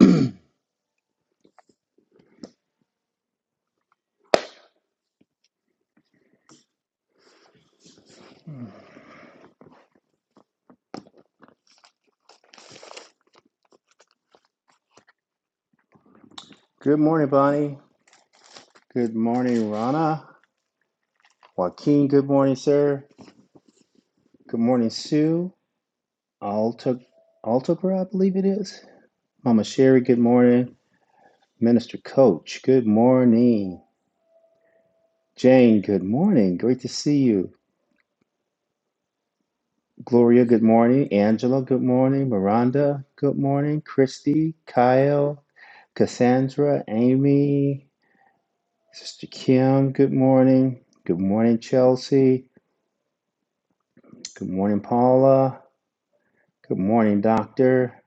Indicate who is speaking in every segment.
Speaker 1: Good morning, Bonnie. Good morning, Rana. Joaquin, good morning, sir. Good morning, Sue. Alta, Altagra, I believe it is. Mama Sherry, good morning. Minister Coach, good morning. Jane, good morning. Great to see you. Gloria, good morning. Angela, good morning. Miranda, good morning. Christy, Kyle, Cassandra, Amy, Sister Kim, good morning. Good morning, Chelsea. Good morning, Paula. Good morning, Doctor.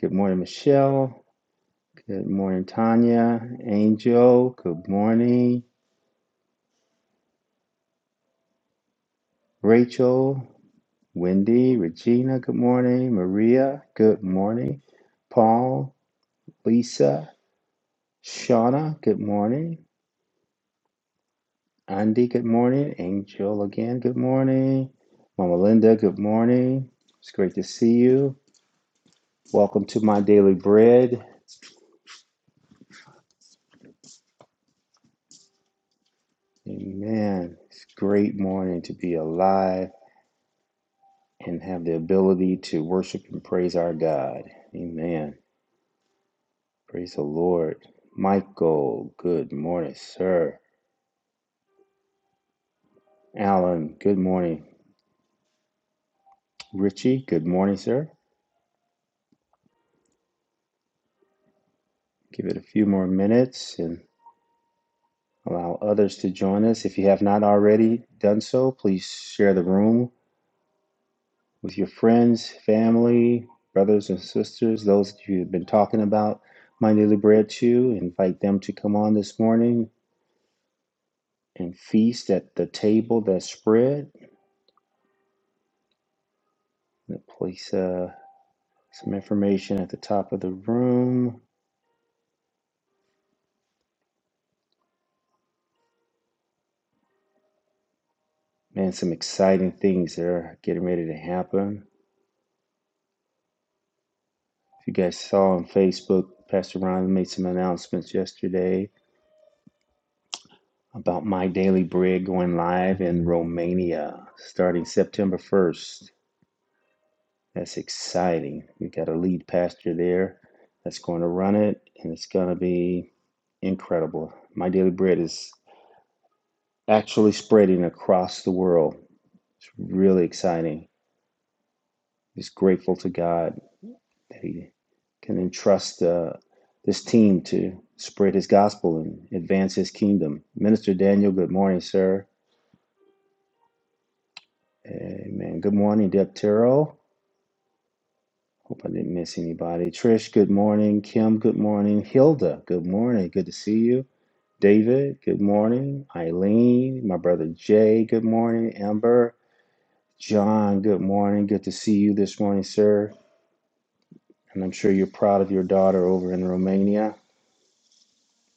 Speaker 1: Good morning, Michelle. Good morning, Tanya, Angel. Good morning, Rachel, Wendy, Regina. Good morning, Maria. Good morning, Paul, Lisa, Shauna. Good morning, Andy. Good morning, Angel again. Good morning, Mama Linda. Good morning. It's great to see you. Welcome to my daily bread. Amen. It's a great morning to be alive and have the ability to worship and praise our God. Amen. Praise the Lord. Michael, good morning, sir. Alan, good morning. Richie, good morning, sir. Give it a few more minutes and allow others to join us. If you have not already done so, please share the room with your friends, family, brothers and sisters, those that you've been talking about my daily bread to. Invite them to come on this morning and feast at the table that's spread I'm gonna place uh, some information at the top of the room. Man, some exciting things that are getting ready to happen. If you guys saw on Facebook, Pastor Ron made some announcements yesterday about My Daily Bread going live in Romania starting September 1st. That's exciting. We got a lead pastor there that's going to run it, and it's going to be incredible. My Daily Bread is actually spreading across the world. It's really exciting He's grateful to God that he can entrust uh, this team to spread his gospel and advance his kingdom. Minister Daniel, good morning, sir. Amen. Good morning, Deb Terrell. Hope I didn't miss anybody. Trish, good morning. Kim, good morning. Hilda, good morning. Good to see you. David, good morning. Eileen, my brother Jay, good morning. Amber, John, good morning. Good to see you this morning, sir. And I'm sure you're proud of your daughter over in Romania.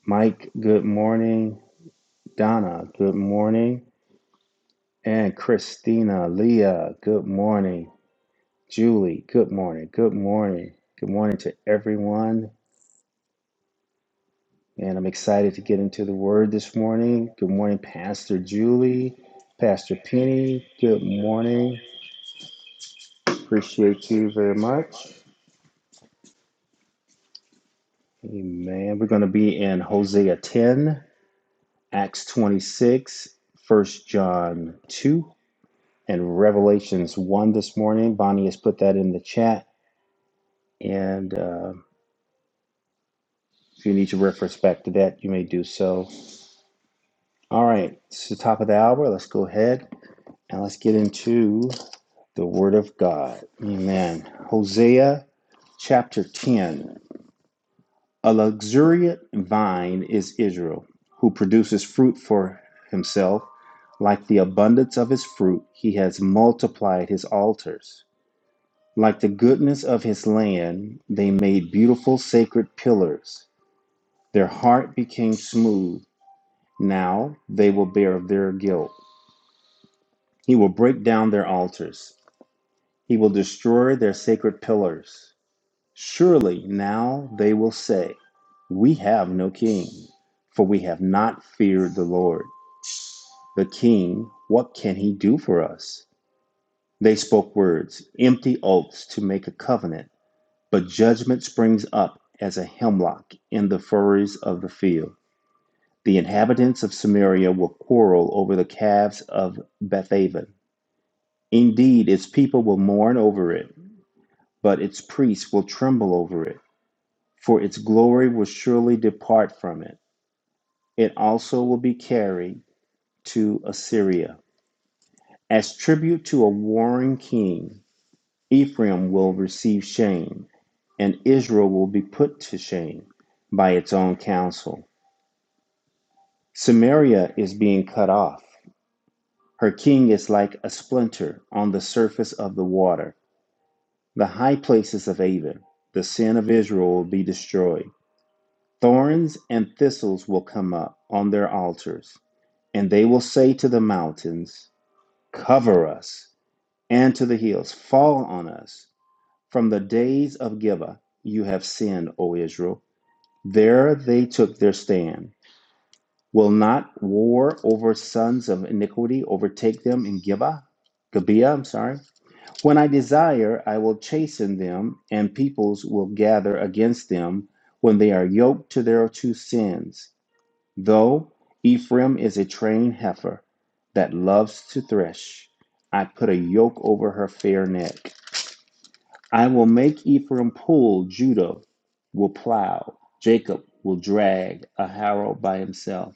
Speaker 1: Mike, good morning. Donna, good morning. And Christina, Leah, good morning. Julie, good morning. Good morning. Good morning to everyone. And I'm excited to get into the word this morning. Good morning, Pastor Julie, Pastor Penny. Good morning. Appreciate you very much. Amen. We're going to be in Hosea 10, Acts 26, 1 John 2, and Revelations 1 this morning. Bonnie has put that in the chat. And uh, if you need to reference back to that, you may do so. All right, it's the top of the hour. Let's go ahead and let's get into the Word of God. Amen. Hosea chapter 10. A luxuriant vine is Israel, who produces fruit for himself. Like the abundance of his fruit, he has multiplied his altars. Like the goodness of his land, they made beautiful sacred pillars. Their heart became smooth. Now they will bear their guilt. He will break down their altars. He will destroy their sacred pillars. Surely now they will say, We have no king, for we have not feared the Lord. The king, what can he do for us? They spoke words, empty oaths to make a covenant. But judgment springs up as a hemlock in the furrows of the field. The inhabitants of Samaria will quarrel over the calves of Bethaven. Indeed, its people will mourn over it, but its priests will tremble over it, for its glory will surely depart from it. It also will be carried to Assyria. As tribute to a warring king, Ephraim will receive shame, and Israel will be put to shame by its own counsel. Samaria is being cut off. Her king is like a splinter on the surface of the water. The high places of Avon, the sin of Israel, will be destroyed. Thorns and thistles will come up on their altars, and they will say to the mountains, Cover us, and to the hills, Fall on us. From the days of Gibeah, you have sinned, O Israel. There they took their stand. Will not war over sons of iniquity overtake them in Gibeah? Gibeah, I'm sorry. When I desire, I will chasten them, and peoples will gather against them when they are yoked to their two sins. Though Ephraim is a trained heifer that loves to thresh, I put a yoke over her fair neck. I will make Ephraim pull, Judah will plow, Jacob will drag a harrow by himself.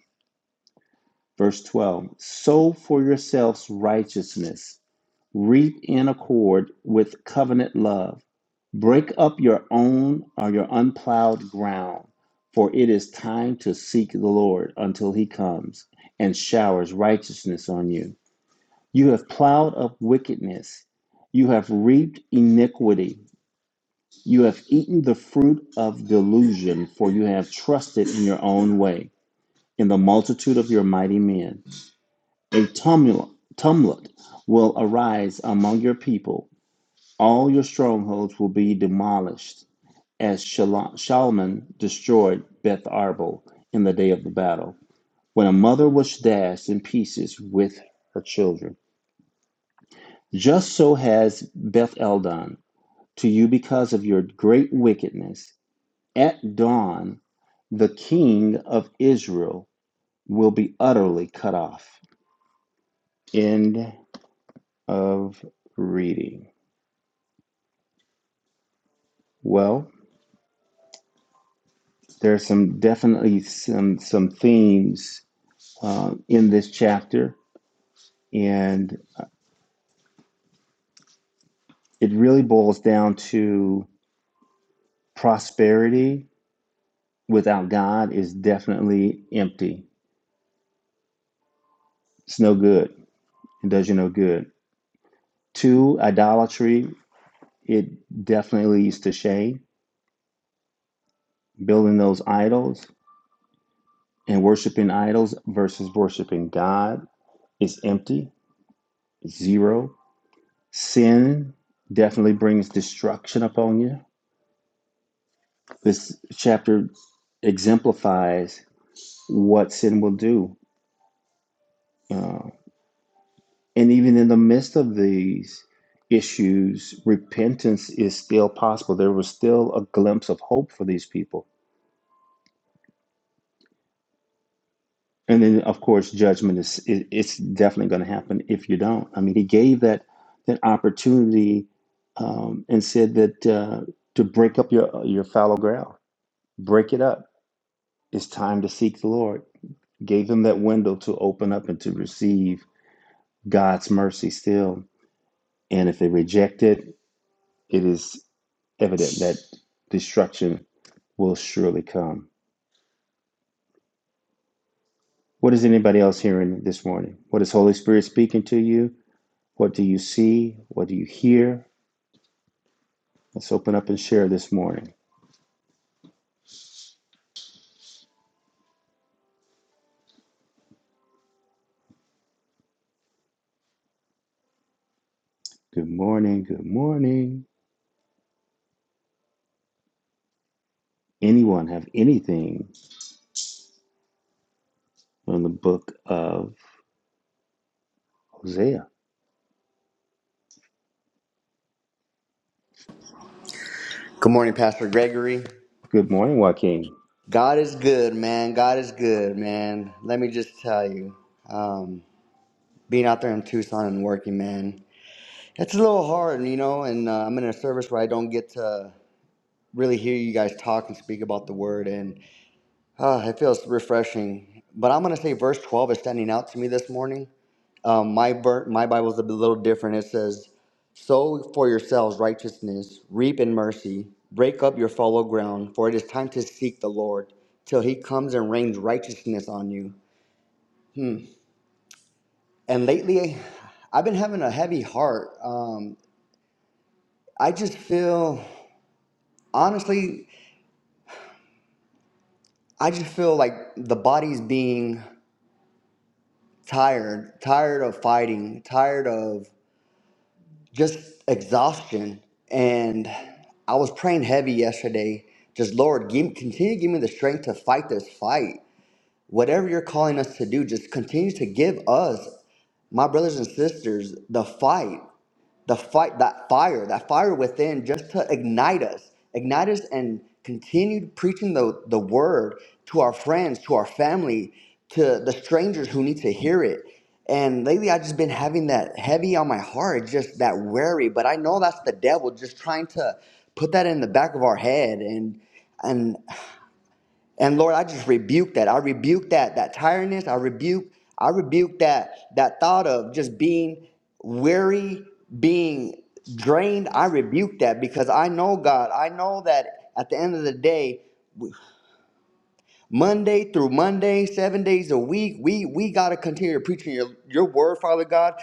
Speaker 1: Verse 12 Sow for yourselves righteousness, reap in accord with covenant love. Break up your own or your unplowed ground, for it is time to seek the Lord until he comes and showers righteousness on you. You have plowed up wickedness, you have reaped iniquity, you have eaten the fruit of delusion, for you have trusted in your own way, in the multitude of your mighty men. A tumult, will arise among your people. All your strongholds will be demolished, as Shalman destroyed Beth Arbel in the day of the battle, when a mother was dashed in pieces with her children. Just so has Beth El done to you because of your great wickedness. At dawn, the king of Israel will be utterly cut off. End of reading. Well, There are some definitely some some themes uh, in this chapter, and it really boils down to prosperity without God is definitely empty. It's no good. It does you no good. Two, idolatry. It definitely leads to shame. Building those idols and worshiping idols versus worshiping God is empty. Zero. Sin definitely brings destruction upon you This chapter exemplifies what sin will do. Uh, and even in the midst of these issues, repentance is still possible. There was still a glimpse of hope for these people. And then, of course, judgment is it, it's definitely going to happen if you don't. I mean, he gave that that opportunity um, and said that uh, to break up your your fallow ground, break it up. It's time to seek the Lord. Gave them that window to open up and to receive God's mercy still. And if they reject it, it is evident that destruction will surely come. What is anybody else hearing this morning? What is Holy Spirit speaking to you? What do you see? What do you hear? Let's open up and share this morning. Good morning. Good morning. Anyone have anything on the book of Hosea?
Speaker 2: Good morning, Pastor Gregory.
Speaker 1: Good morning, Joaquin.
Speaker 2: God is good, man. God is good, man. Let me just tell you, um, being out there in Tucson and working, man, it's a little hard, you know. And uh, I'm in a service where I don't get to really hear you guys talk and speak about the word. and. Ah, it feels refreshing. But I'm going to say verse 12 is standing out to me this morning. Um, my, ver- my Bible's a little different. It says, Sow for yourselves righteousness, reap in mercy, break up your fallow ground, for it is time to seek the Lord till he comes and rains righteousness on you. Hmm. And lately, I've been having a heavy heart. Um, I just feel, honestly, I just feel like the body's being tired, tired of fighting, tired of just exhaustion. And I was praying heavy yesterday. Just Lord, give, continue to give me the strength to fight this fight. Whatever you're calling us to do, just continue to give us, my brothers and sisters, the fight the fight that fire that fire within just to ignite us ignite us and continue preaching the, the word to our friends to our family to the strangers who need to hear it and lately i've just been having that heavy on my heart just that worry but i know that's the devil just trying to put that in the back of our head and and and Lord, I just rebuke that. I rebuke that that tiredness. I rebuke I rebuke that that thought of just being weary, being drained. I rebuke that because I know God. I know that at the end of the day, Monday through Monday, seven days a week, we we gotta continue to preach your your word, Father God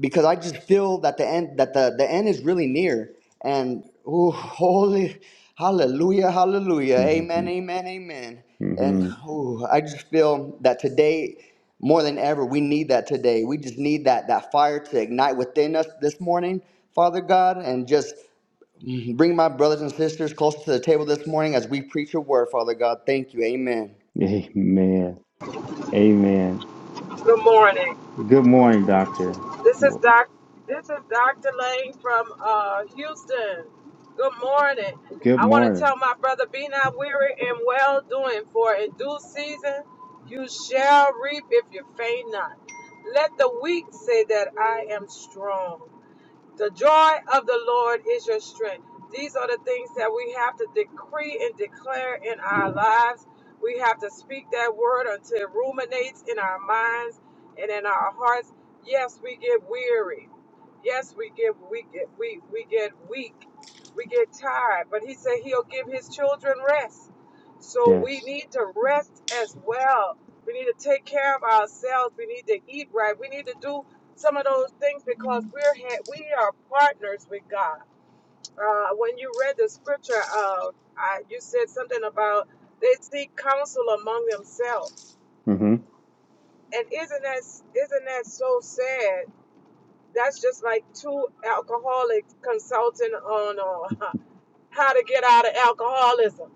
Speaker 2: because I just feel that the end that the, the end is really near. And ooh, holy hallelujah, hallelujah, amen,
Speaker 1: hmm
Speaker 2: amen, amen. And
Speaker 1: hmm
Speaker 2: ooh, I just feel that today, more than ever, we need that today. We just need that that fire to ignite within us this morning, Father God, and just mm, bring my brothers and sisters closer to the table this morning as we preach your word, Father God. Thank you, amen.
Speaker 1: Amen. Amen.
Speaker 3: Good morning.
Speaker 1: Good morning, Doctor.
Speaker 3: This is
Speaker 1: Well,
Speaker 3: Doc. This is Dr. Lane from uh, Houston. Good morning.
Speaker 1: Good
Speaker 3: I want to
Speaker 1: morning.
Speaker 3: tell my brother, be not weary and well doing, for in due season you shall reap if you faint not. Let the weak say that I am strong. The joy of the Lord is your strength. These are the things that we have to decree and declare in our lives. We have to speak that word until it ruminates in our minds and in our hearts. Yes, we get weary. Yes, we get we get we we get weak. We get tired. But he said he'll give his children rest. So we
Speaker 1: Yes.
Speaker 3: need to rest as well. We need to take care of ourselves. We need to eat right. We need to do some of those things because we're ha- we are partners with God. Uh, when you read the scripture, uh, I, you said something about they seek counsel among themselves,
Speaker 1: hmm
Speaker 3: and isn't that isn't that so sad? That's just like two alcoholics consulting on uh, how to get out of alcoholism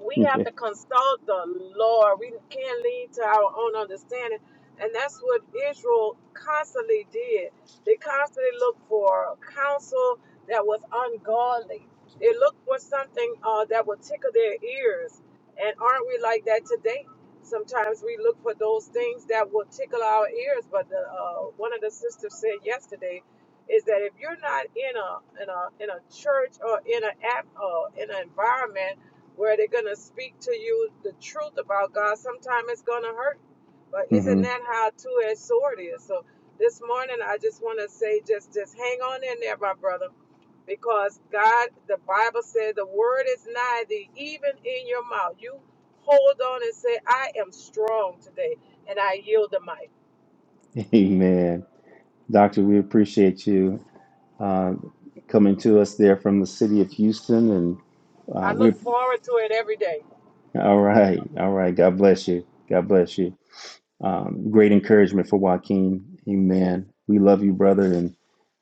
Speaker 3: we have
Speaker 1: Yeah.
Speaker 3: to consult the Lord. We can't lean to our own understanding. And that's what Israel constantly did. They constantly looked for counsel that was ungodly. They looked for something uh, that would tickle their ears. And aren't we like that today? Sometimes we look for those things that will tickle our ears. But the, uh, one of the sisters said yesterday is that if you're not in a in a in a church or in a app uh, in an environment where they're going to speak to you the truth about God. Sometimes it's going to hurt, but isn't
Speaker 1: hmm
Speaker 3: that how a two-edged sword is? So this morning, I just want to say, just just hang on in there, my brother, because God, the Bible said, the word is nigh thee, even in your mouth. You hold on and say, I am strong today, and I yield the mic.
Speaker 1: Amen. Doctor, we appreciate you uh, coming to us there from the city of Houston. And uh,
Speaker 3: I
Speaker 1: we're
Speaker 3: look forward to it every day.
Speaker 1: all right. All right. God bless you. God bless you. Um, great encouragement for Joaquin. Amen. We love you, brother. And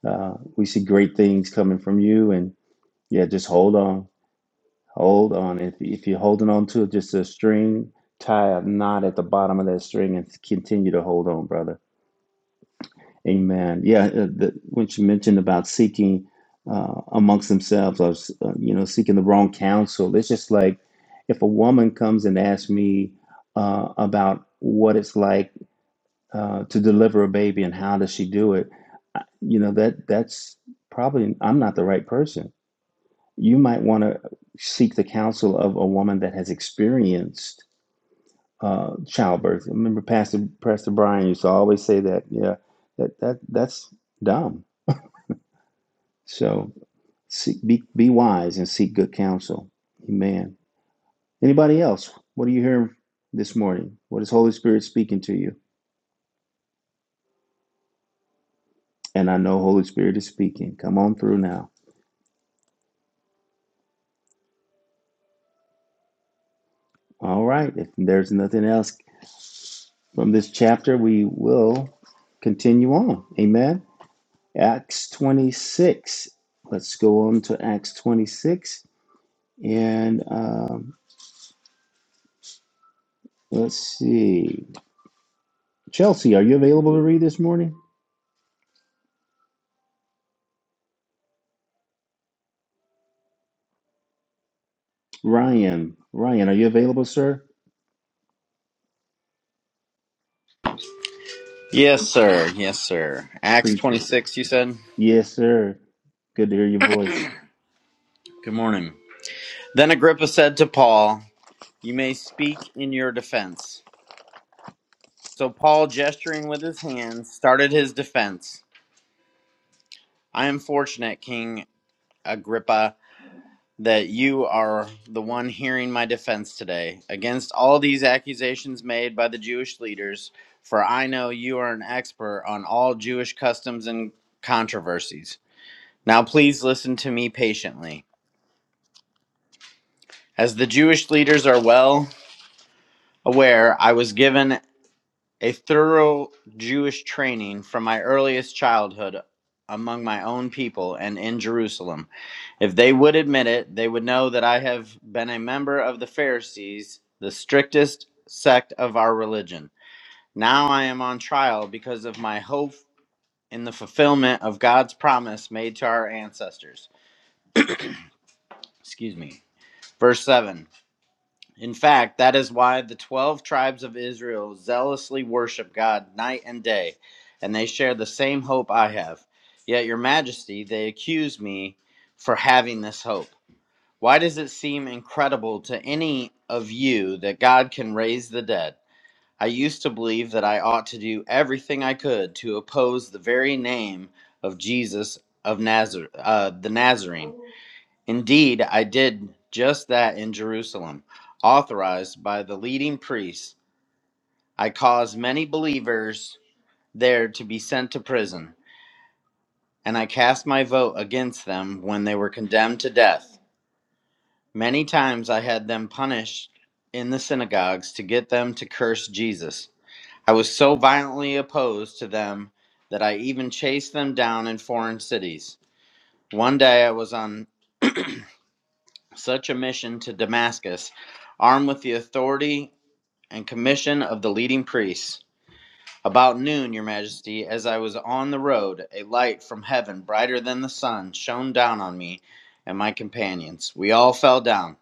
Speaker 1: uh, we see great things coming from you. And yeah, just hold on. Hold on. If, if you're holding on to just a string, tie a knot at the bottom of that string and continue to hold on, brother Amen. Yeah, uh, the, when she mentioned about seeking uh, amongst themselves, or uh, you know, seeking the wrong counsel, it's just like if a woman comes and asks me uh, about what it's like uh, to deliver a baby and how does she do it, I- you know, that that's probably I'm not the right person. You might want to seek the counsel of a woman that has experienced uh, childbirth. Remember, Pastor Pastor Brian used to always say that. Yeah, that that that's dumb So seek, be, be wise and seek good counsel. Amen. Anybody else? What are you hearing this morning? What is Holy Spirit speaking to you? And I know Holy Spirit is speaking. Come on through now. All right. If there's nothing else from this chapter, we will continue on. Amen. Acts 26. Let's go on to Acts 26. And um, let's see. Chelsea, are you available to read this morning? Ryan, Ryan, are you available, sir?
Speaker 4: Yes, sir. Yes, sir. Acts
Speaker 1: Appreciate it.
Speaker 4: 26, you said?
Speaker 1: Yes, sir. Good to hear your voice.
Speaker 4: Good morning. Then Agrippa said to Paul, You may speak in your defense. So Paul, gesturing with his hands, started his defense. I am fortunate, King Agrippa, that you are the one hearing my defense today against all these accusations made by the Jewish leaders, for I know you are an expert on all Jewish customs and controversies. Now please listen to me patiently. As the Jewish leaders are well aware, I was given a thorough Jewish training from my earliest childhood among my own people and in Jerusalem. If they would admit it, they would know that I have been a member of the Pharisees, the strictest sect of our religion. Now I am on trial because of my hope in the fulfillment of God's promise made to our ancestors. Excuse me. Verse 7. In fact, that is why the 12 tribes of Israel zealously worship God night and day, and they share the same hope I have. Yet, Your Majesty, they accuse me for having this hope. Why does it seem incredible to any of you that God can raise the dead? I used to believe that I ought to do everything I could to oppose the very name of Jesus of Nazareth, uh, the Nazarene. Indeed, I did just that in Jerusalem, authorized by the leading priests. I caused many believers there to be sent to prison, and I cast my vote against them when they were condemned to death. Many times I had them punished in the synagogues to get them to curse Jesus. I was so violently opposed to them that I even chased them down in foreign cities. One day I was on such a mission to Damascus armed with the authority and commission of the leading priests. About noon, your majesty, as I was on the road, a light from heaven, brighter than the sun, shone down on me and my companions. We all fell down.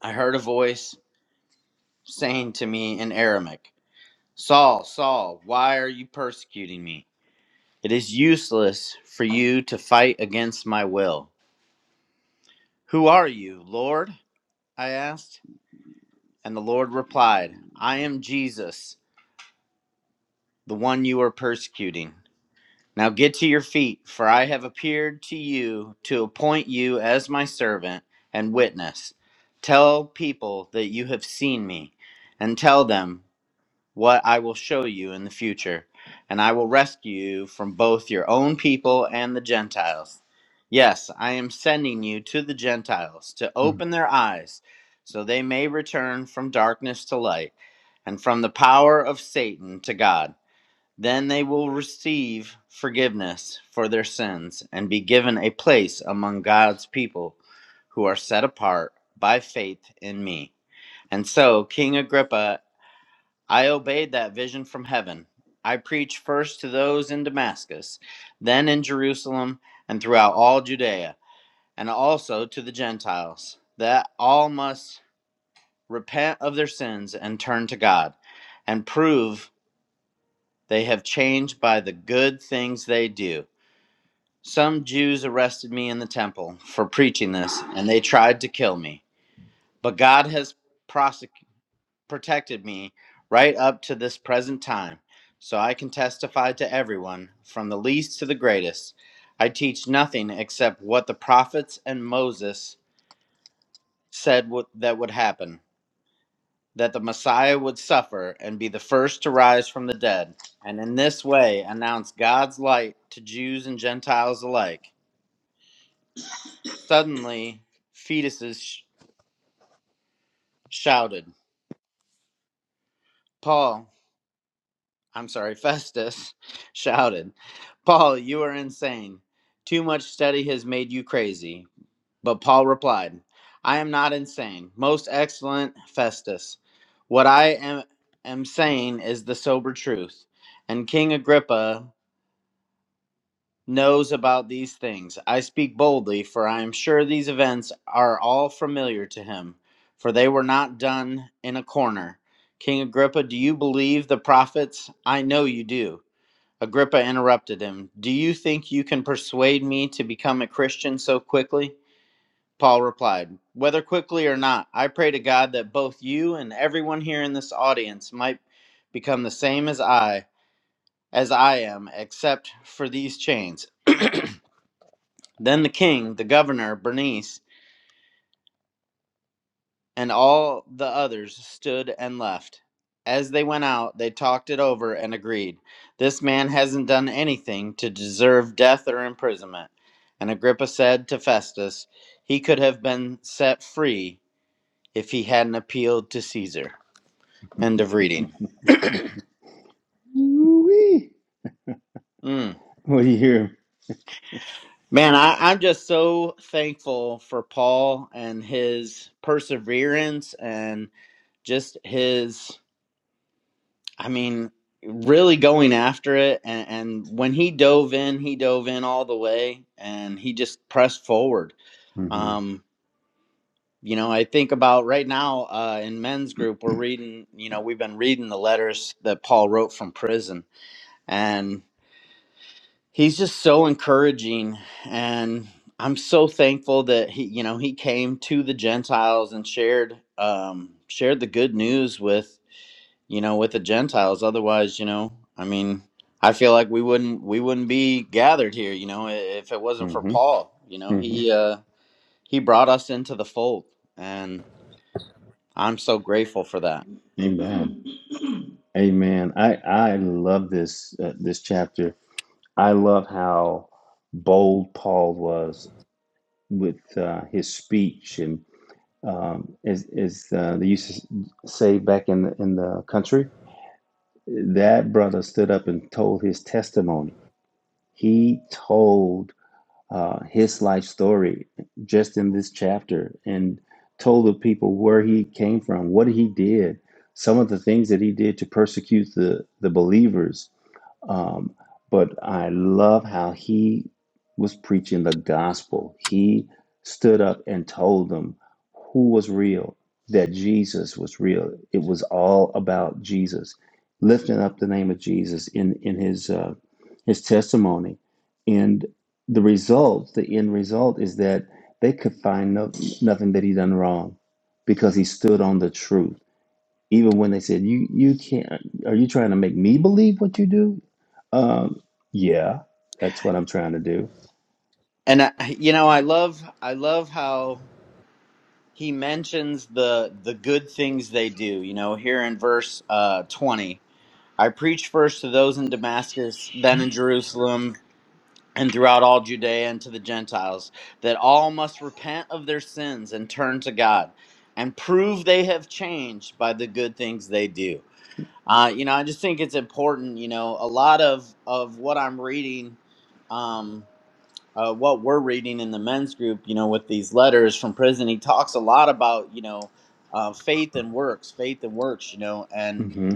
Speaker 4: I heard a voice saying to me in Aramaic, Saul, Saul, why are you persecuting me? It is useless for you to fight against my will. Who are you, Lord? I asked. And the Lord replied, I am Jesus, the one you are persecuting. Now get to your feet, for I have appeared to you to appoint you as my servant and witness. Tell people that you have seen me, and tell them what I will show you in the future, and I will rescue you from both your own people and the Gentiles. Yes, I am sending you to the Gentiles to
Speaker 1: Mm.
Speaker 4: open their eyes so they may return from darkness to light and from the power of Satan to God then they will receive forgiveness for their sins and be given a place among God's people who are set apart by faith in me. And so, King Agrippa, I obeyed that vision from heaven. I preached first to those in Damascus, then in Jerusalem, and throughout all Judea, and also to the Gentiles, that all must repent of their sins and turn to God, and prove they have changed by the good things they do Some Jews arrested me in the temple for preaching this, and they tried to kill me. But God has prosec- protected me right up to this present time, so I can testify to everyone, from the least to the greatest. I teach nothing except what the prophets and Moses said wo- that would happen that the Messiah would suffer and be the first to rise from the dead, and in this way announce God's light to Jews and Gentiles alike. Suddenly, fetuses sh- shouted. Paul, I'm sorry, Festus shouted, Paul, you are insane. Too much study has made you crazy. But Paul replied, I am not insane. Most excellent Festus, what I am, am saying is the sober truth. And King Agrippa knows about these things. I speak boldly, for I am sure these events are all familiar to him, for they were not done in a corner. King Agrippa, do you believe the prophets? I know you do. Agrippa interrupted him. Do you think you can persuade me to become a Christian so quickly? Paul replied, Whether quickly or not, I pray to God that both you and everyone here in this audience might become the same as I, as I am, except for these chains. Then the king, the governor, Bernice, and all the others stood and left. As they went out, they talked it over and agreed. This man hasn't done anything to deserve death or imprisonment. And Agrippa said to Festus, He could have been set free if he hadn't appealed to Caesar. End of reading.
Speaker 1: Ooh-wee.
Speaker 4: Mm.
Speaker 1: What do you hear?
Speaker 4: Man, I, I'm just so thankful for Paul and his perseverance and just his I mean, really going after it. And, and when he dove in, he dove in all the way and he just pressed forward.
Speaker 1: hmm
Speaker 4: Um, you know, I think about right now uh, in men's group, we're reading, you know, we've been reading the letters that Paul wrote from prison. And he's just so encouraging. And I'm so thankful that he, you know, he came to the Gentiles and shared, um, shared the good news with you know, with the Gentiles. Otherwise, you know, I mean, I feel like we wouldn't we wouldn't be gathered here, you know, i- if it wasn't for
Speaker 1: hmm
Speaker 4: Paul. You know,
Speaker 1: hmm
Speaker 4: he uh, he brought us into the fold, and I'm so grateful for that.
Speaker 1: Amen. Amen. I I love this uh, this chapter. I love how bold Paul was with uh, his speech and um, as as uh, they used to say back in the, in the country, that brother stood up and told his testimony. He told uh, his life story just in this chapter and told the people where he came from, what he did, some of the things that he did to persecute the, the believers um, but I love how he was preaching the gospel. He stood up and told them who was real, that Jesus was real. It was all about Jesus, lifting up the name of Jesus in in his uh, his testimony, and the result, the end result, is that they could find no, nothing that he done wrong because he stood on the truth even when they said, "You you can't," are you trying to make me believe what you do? Um, yeah, that's what I'm trying to do.
Speaker 4: And I, you know, I love I love how he mentions the the good things they do. You know, here in verse uh, 20, I preached first to those in Damascus, then in Jerusalem and throughout all Judea and to the Gentiles, that all must repent of their sins and turn to God and prove they have changed by the good things they do. Uh, you know, I just think it's important, you know, a lot of, of what I'm reading, um, uh, what we're reading in the men's group, you know, with these letters from prison, he talks a lot about, you know, uh, faith and works, faith and works, you know, and
Speaker 1: hmm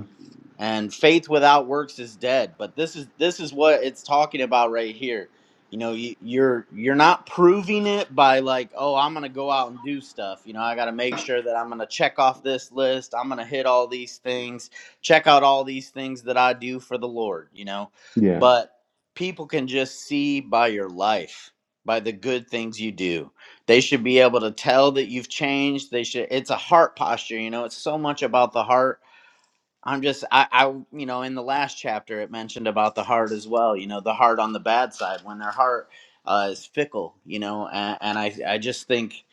Speaker 4: and faith without works is dead but this is this is what it's talking about right here you know you, you're you're not proving it by like oh i'm gonna go out and do stuff you know i gotta make sure that i'm gonna check off this list i'm gonna hit all these things check out all these things that i do for the lord you know
Speaker 1: Yeah.
Speaker 4: but people can just see by your life by the good things you do they should be able to tell that you've changed they should it's a heart posture you know it's so much about the heart I'm just I, I you know in the last chapter it mentioned about the heart as well. You know the heart on the bad side when their heart uh, is fickle. You know, and, and I I just think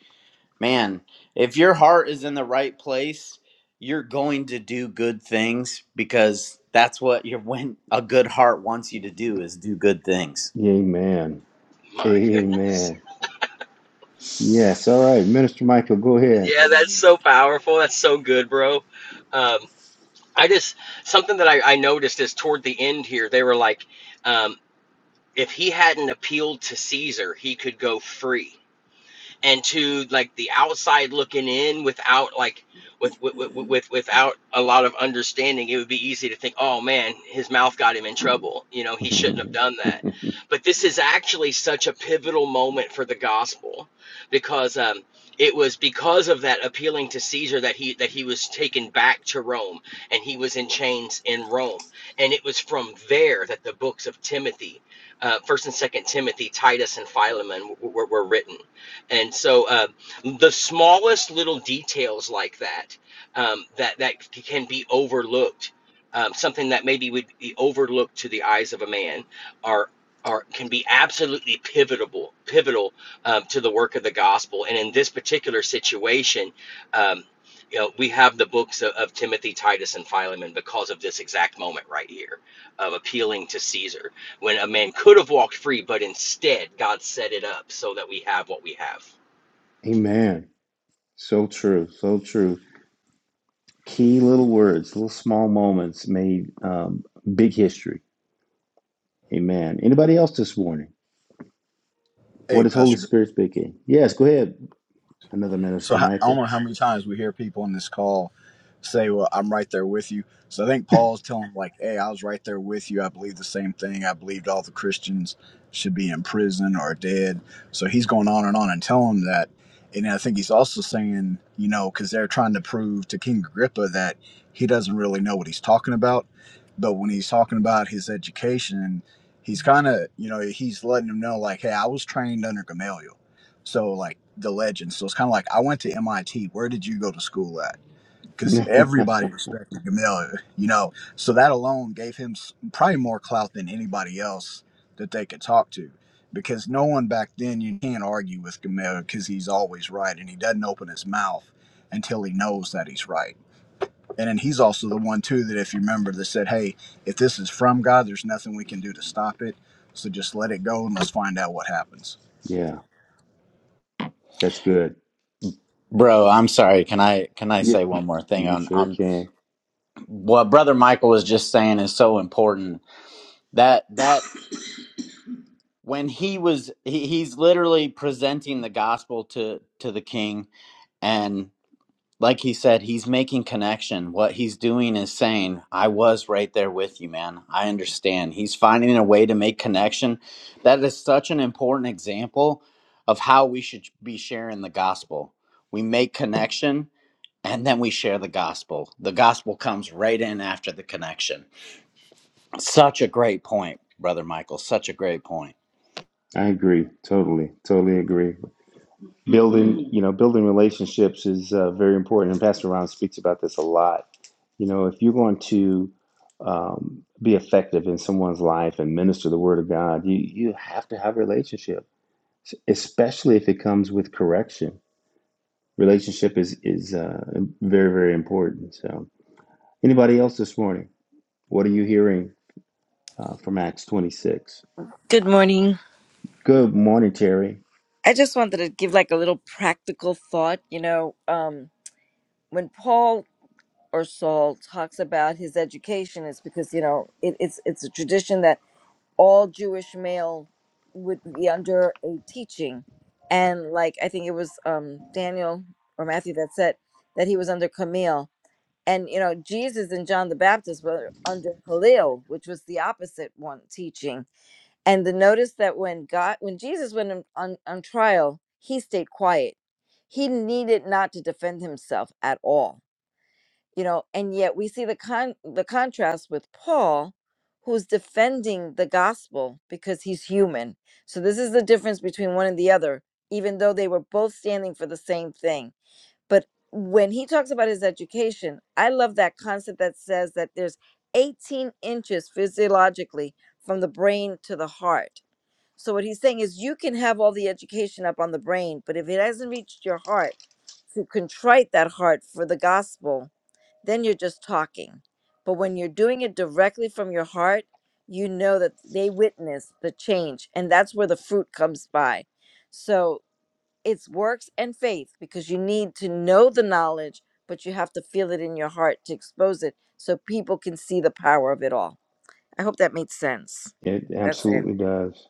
Speaker 4: man, if your heart is in the right place, you're going to do good things because that's what your when a good heart wants you to do is do good things.
Speaker 1: Amen.
Speaker 5: My goodness.
Speaker 1: Amen. Yes. All right, Minister Michael, go ahead.
Speaker 5: Yeah, that's so powerful. That's so good, bro. Um, I just something that I, I noticed is toward the end here, they were like, um, if he hadn't appealed to Caesar, he could go free. and to like the outside looking in without like with, with with with- without a lot of understanding it would be easy to think oh man his mouth got him in trouble you know he shouldn't have done that but this is actually such a pivotal moment for the gospel because um it was because of that appealing to Caesar that he that he was taken back to Rome and he was in chains in Rome and it was from there that the books of Timothy uh, first and second Timothy Titus and Philemon were, were written and so um, the smallest little details like that um, that that can be overlooked, um, something that maybe would be overlooked to the eyes of a man, are are can be absolutely pivotal pivotal um, to the work of the gospel. And in this particular situation. Um, you know, we have the books of, of Timothy, Titus, and Philemon because of this exact moment right here of appealing to Caesar when a man could have walked free, but instead God set it up so that we have what we have.
Speaker 1: Amen. So true. So true. Key little words, little small moments made um, big history. Amen. Anybody else this morning?
Speaker 6: Hey,
Speaker 1: What is Holy
Speaker 6: Pastor. Gr-
Speaker 1: Spirit speaking? Yes, go ahead. Another
Speaker 6: So
Speaker 1: minister,
Speaker 6: ho- I don't
Speaker 1: Michael.
Speaker 6: know how many times we hear people on this call say, "Well, I'm right there with you." So I think Paul's telling, them, like, "Hey, I was right there with you. I believe the same thing. I believed all the Christians should be in prison or dead." So he's going on and on and telling them that. And I think he's also saying, you know, because they're trying to prove to King Agrippa that he doesn't really know what he's talking about. But when he's talking about his education, he's kind of, you know, he's letting them know, like, hey, I was trained under Gamaliel So like the legend. So it's kind of like I went to MIT. Where did you go to school at? Because everybody respected Gamel, you know. So that alone gave him s- probably more clout than anybody else that they could talk to. Because no one back then you can't argue with Gamel because he's always right and he doesn't open his mouth until he knows that he's right. And then he's also the one too that if you remember that said, "Hey, if this is from God, there's nothing we can do to stop it. So just let it go and let's find out what happens."
Speaker 1: yeah. That's good.
Speaker 4: Bro, I'm sorry. Can I can I
Speaker 1: Yeah,
Speaker 4: say one more thing
Speaker 1: you
Speaker 4: on
Speaker 1: sure
Speaker 4: on
Speaker 1: can.
Speaker 4: what brother Michael was just saying is so important. That that when he was he, he's literally presenting the gospel to to the king and like he said he's making connection what he's doing is saying i was right there with you man i understand he's finding a way to make connection that is such an important example of how we should be sharing the gospel we make connection and then we share the gospel the gospel comes right in after the connection such a great point brother michael such a great point
Speaker 1: I agree. Totally, totally agree. Building, you know, building relationships is uh, very important. And Pastor Ron speaks about this a lot. You know, if you're going to um, be effective in someone's life and minister the word of God, you, you have to have a relationship, especially if it comes with correction. Relationship is, is uh, very, very important. So, anybody else this morning? What are you hearing uh, from Acts 26?
Speaker 7: Good morning.
Speaker 1: Good morning, Terry.
Speaker 7: I just wanted to give like a little practical thought. You know, um, when Paul or Saul talks about his education, it's because you know it, it's it's a tradition that all Jewish male would be under a teaching, and like I think it was um, Daniel or Matthew that said that he was under Camille, and you know Jesus and John the Baptist were under Halil, which was the opposite one teaching and the notice that when god when jesus went on, on, on trial he stayed quiet he needed not to defend himself at all you know and yet we see the con the contrast with paul who's defending the gospel because he's human so this is the difference between one and the other even though they were both standing for the same thing but when he talks about his education i love that concept that says that there's 18 inches physiologically from the brain to the heart so what he's saying is you can have all the education up on the brain, but if it hasn't reached your heart to contrite that heart for the gospel, then you're just talking. But when you're doing it directly from your heart, you know that they witness the change and that's where the fruit comes by. So it's works and faith because you need to know the knowledge, but you have to feel it in your heart to expose it so people can see the power of it all. I hope that made sense.
Speaker 1: It
Speaker 7: That's it.
Speaker 1: absolutely does.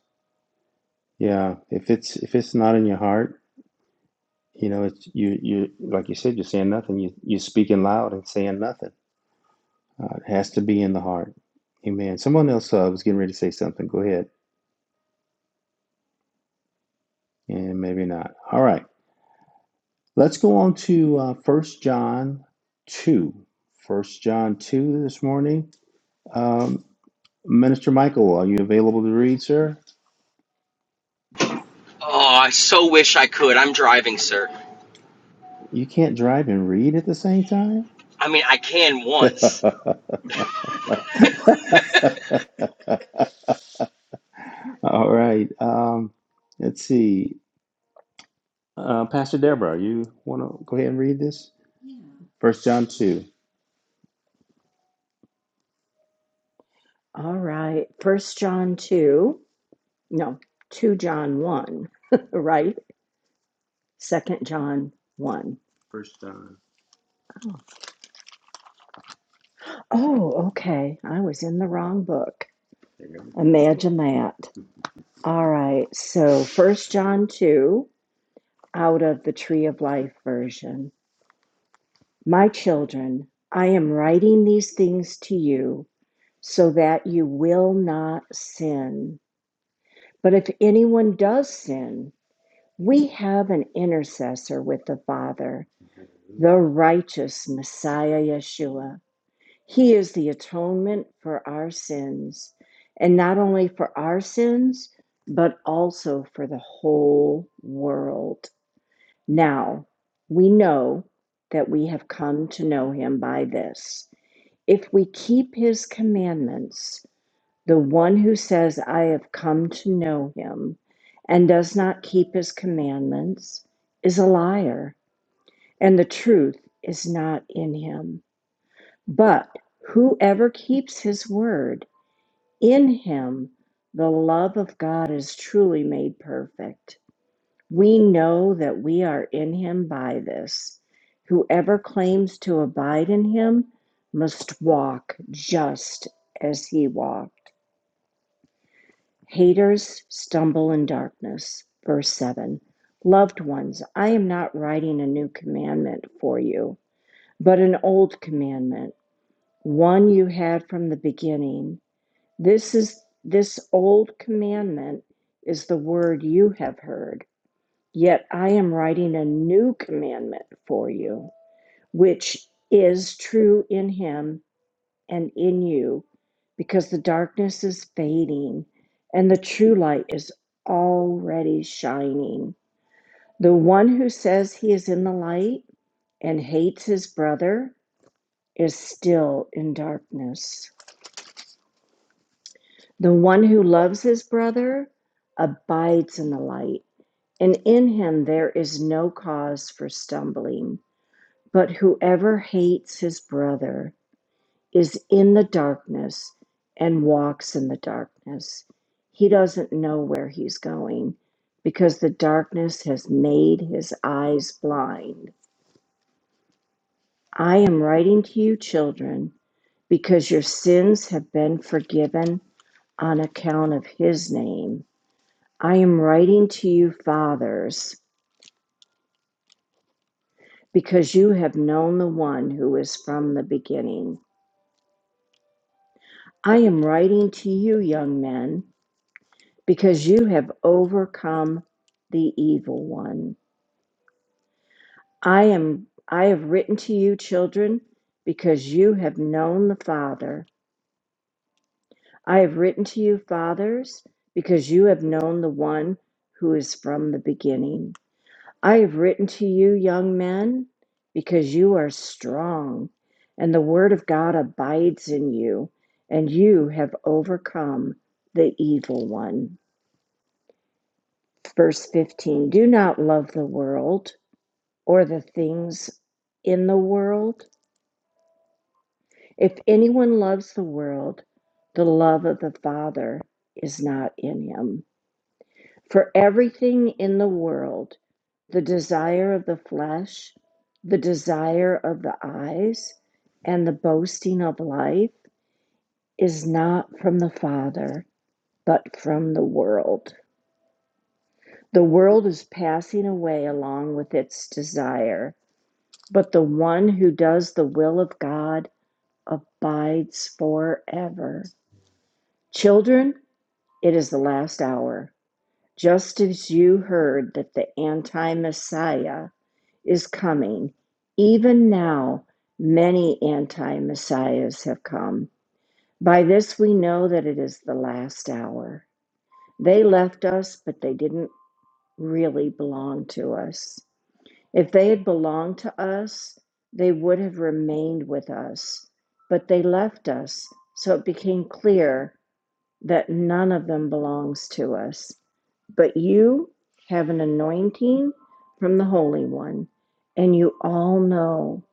Speaker 1: Yeah. If it's if it's not in your heart, you know, it's you you like you said, you're saying nothing. You you're speaking loud and saying nothing. Uh, it has to be in the heart. Amen. Someone else uh, was getting ready to say something. Go ahead, and maybe not. All right. Let's go on to uh, First John two. First John two this morning. Um, Minister Michael, are you available to read, sir?
Speaker 5: Oh, I so wish I could. I'm driving, sir.
Speaker 1: You can't drive and read at the same time.
Speaker 5: I mean, I can once.
Speaker 1: All right. Um, let's see. Uh, Pastor Deborah, you want to go ahead and read this? First John 2.
Speaker 8: All right. First John 2. No, 2 John 1, right? Second John 1. Oh, okay. I was in the wrong book. Imagine that. All right. So, First John 2 out of the Tree of Life version. My children, I am writing these things to you so that you will not sin. But if anyone does sin, We have an intercessor with the Father, the righteous Messiah Yeshua. He is the atonement for our sins, and not only for our sins, but also for the whole world. Now, we know that we have come to know him by this. If we keep his commandments, the one who says, I have come to know him, and does not keep his commandments, is a liar, and the truth is not in him. But whoever keeps his word, in him the love of God is truly made perfect. We know that we are in him by this. Whoever claims to abide in him must walk just as he walked. Haters stumble in darkness. Verse 7 Loved ones, I am not writing a new commandment for you, but an old commandment, one you had from the beginning. This is this old commandment is the word you have heard. Yet I am writing a new commandment for you, which is true in him and in you because the darkness is fading and the true light is already shining. The one who says he is in the light and hates his brother is still in darkness. The one who loves his brother abides in the light, and in him there is no cause for stumbling. But whoever hates his brother, is in the darkness and walks in the darkness. He doesn't know where he's going because the darkness has made his eyes blind. I am writing to you, children, because your sins have been forgiven on account of his name. I am writing to you, fathers, because you have known the one who is from the beginning. I am writing to you, young men because you have overcome the evil one. I am I have written to you children because you have known the Father. I have written to you fathers because you have known the one who is from the beginning. I have written to you young men because you are strong and the word of God abides in you and you have overcome the evil one. Verse 15 Do not love the world or the things in the world. If anyone loves the world, the love of the Father is not in him. For everything in the world, the desire of the flesh, the desire of the eyes, and the boasting of life is not from the Father, but from the world. The world is passing away along with its desire, but the one who does the will of God abides forever. Children, it is the last hour. Just as you heard that the anti Messiah is coming, even now many anti Messiahs have come. By this we know that it is the last hour. They left us, but they didn't really belong to us. If they had belonged to us, they would have remained with us, but they left us, so it became clear that none of them belongs to us. But you have an anointing from the Holy One, and you all know.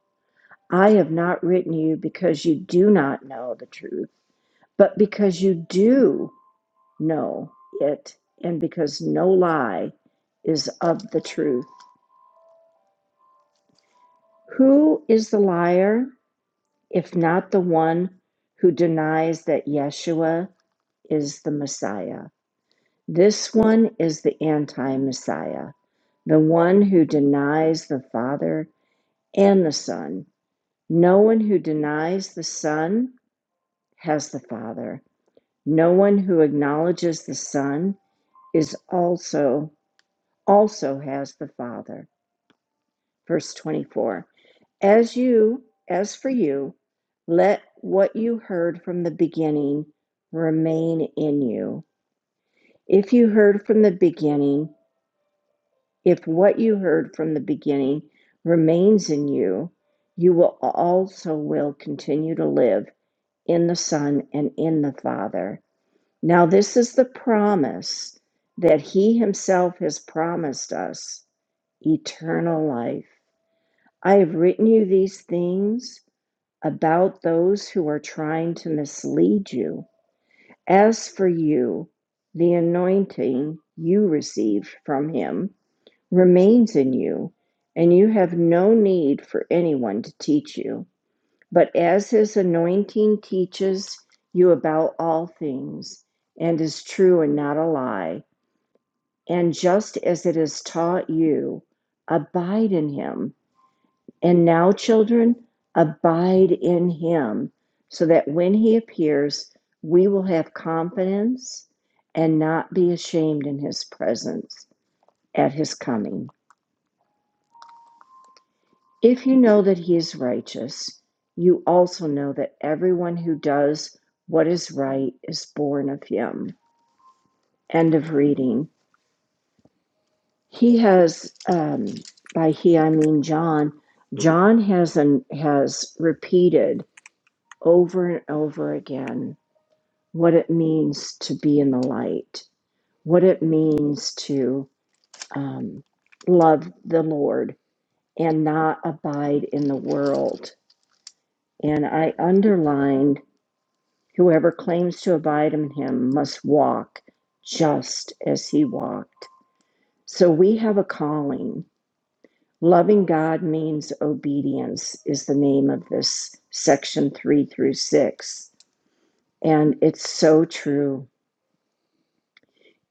Speaker 8: I have not written you because you do not know the truth, but because you do know it, and because no lie is of the truth. Who is the liar, if not the one who denies that Yeshua is the Messiah? This one is the anti Messiah. The one who denies the Father and the Son. No one who denies the Son has the Father. No one who acknowledges the Son is also also has the Father. Verse 24. As you, as for you, let what you heard from the beginning remain in you. If you heard from the beginning, If what you heard from the beginning remains in you, you will also will continue to live in the Son and in the Father. Now this is the promise that he himself has promised us, eternal life. I have written you these things about those who are trying to mislead you. As for you, the anointing you received from him remains in you, and you have no need for anyone to teach you. But as his anointing teaches you about all things, and is true and not a lie, and just as it has taught you, abide in him. And now, children, abide in him, so that when he appears, we will have confidence and not be ashamed in his presence at his coming. If you know that he is righteous, you also know that everyone who does what is right is born of him. End of reading. He has, um, by he I mean John, John has, an, has repeated over and over again what it means to be in the light, what it means to um, love the Lord and not abide in the world. And I underlined Whoever claims to abide in him must walk just as he walked. So we have a calling. Loving God means obedience, is the name of this section three through six. And it's so true.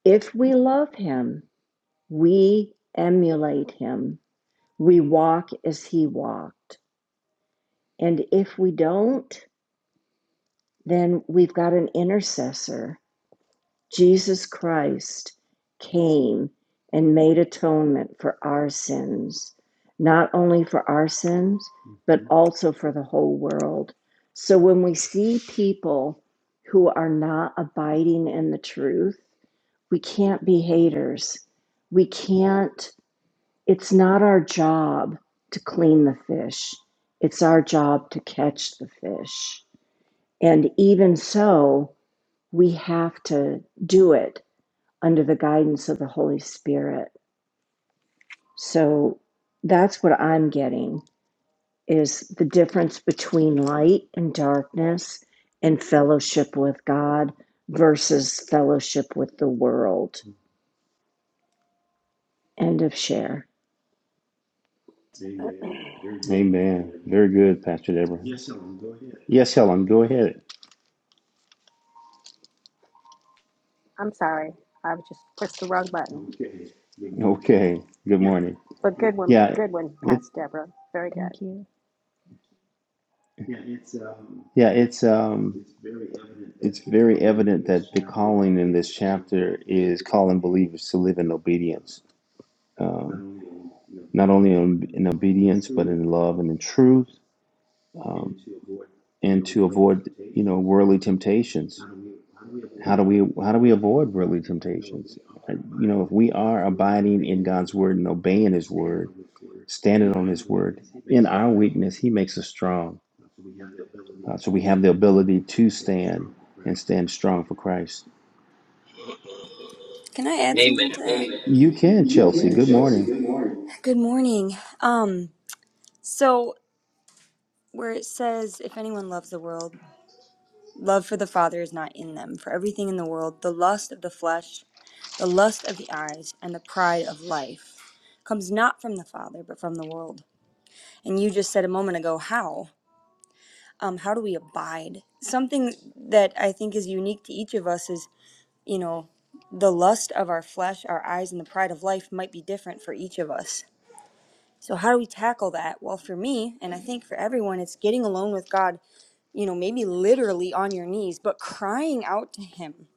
Speaker 8: If we love him, we emulate him, we walk as he walked. And if we don't, then we've got an intercessor Jesus Christ came and made atonement for our sins, not only for our sins, but also for the whole world. So when we see people who are not abiding in the truth, we can't be haters. We can't, it's not our job to clean the fish, it's our job to catch the fish. And even so, we have to do it under the guidance of the Holy Spirit. So that's what I'm getting is the difference between light and darkness and fellowship with God versus fellowship with the world. End of share.
Speaker 1: Amen. Very good, Pastor Deborah. Yes, Helen, go ahead.
Speaker 9: I'm sorry. I just pushed the wrong button.
Speaker 1: Okay. Good morning.
Speaker 9: But good one,
Speaker 1: Yeah.
Speaker 9: good one,
Speaker 1: It,
Speaker 9: Pastor Deborah. Very good.
Speaker 8: Thank you.
Speaker 1: yeah, it's um it's very evident that the calling in this chapter is calling believers to live in obedience. Um, not only in, in obedience, but in love and in truth, um, and to avoid, you know, worldly temptations How do we how do we avoid worldly temptations? Uh, You know, if we are abiding in God's word and obeying His word, standing on His word, in our weakness He makes us strong. Uh, so we have the ability to stand and stand strong for Christ.
Speaker 10: Can I add
Speaker 5: Amen.
Speaker 10: something to that?
Speaker 1: You can,
Speaker 10: You
Speaker 1: Chelsea.
Speaker 10: can,
Speaker 1: Good
Speaker 10: Chelsea.
Speaker 1: morning.
Speaker 10: Good morning. Good morning. Um, so where it says, if anyone loves the world, love for the Father is not in them. For everything in the world, the lust of the flesh, the lust of the eyes, and the pride of life comes not from the Father, but from the world. And you just said a moment ago, how? Um, how do we abide? Something that I think is unique to each of us is, you know, the lust of our flesh, our eyes, and the pride of life might be different for each of us. So how do we tackle that? Well, for me, and I think for everyone, it's getting alone with God, you know, maybe literally on your knees, but crying out to him.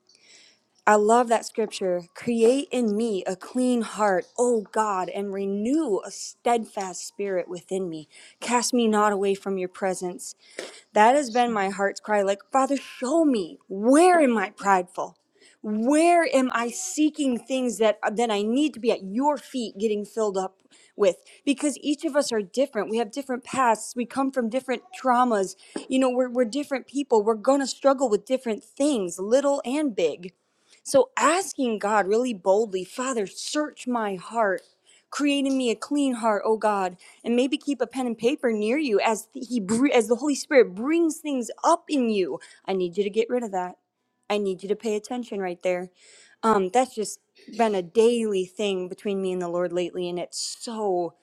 Speaker 10: I love that scripture. Create in me a clean heart, O God, and renew a steadfast spirit within me. Cast me not away from your presence. That has been
Speaker 8: So
Speaker 10: my heart's cry. Like, Father, show me where am I prideful? Where am I seeking things that then I need to be at your feet getting filled up with? Because each of us are different. We have different pasts. We come from different traumas. You know, we're, we're different people. We're going to struggle with different things, little and big. So asking God really boldly, Father, search my heart. Create in me a clean heart, oh God, and maybe keep a pen and paper near you as he br- as the Holy Spirit brings things up in you. I need you to get rid of that. I need you to pay attention right there. Um, that's just been a daily thing between me and the Lord lately, and it's so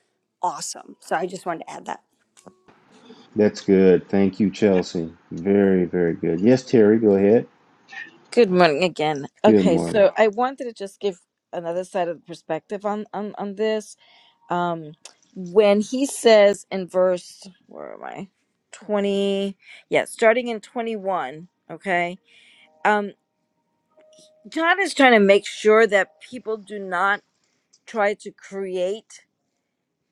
Speaker 10: awesome. So I just wanted to add that.
Speaker 1: That's good. Thank you, Chelsea. Very, very good. Yes, Terry, go ahead.
Speaker 7: Good morning again.
Speaker 1: Good
Speaker 7: Okay,
Speaker 1: morning.
Speaker 7: so I wanted to just give another side of the perspective on on on this. Um, when he says in verse, where am I? Twenty, yeah, starting in twenty one. Okay, um, John is trying to make sure that people do not try to create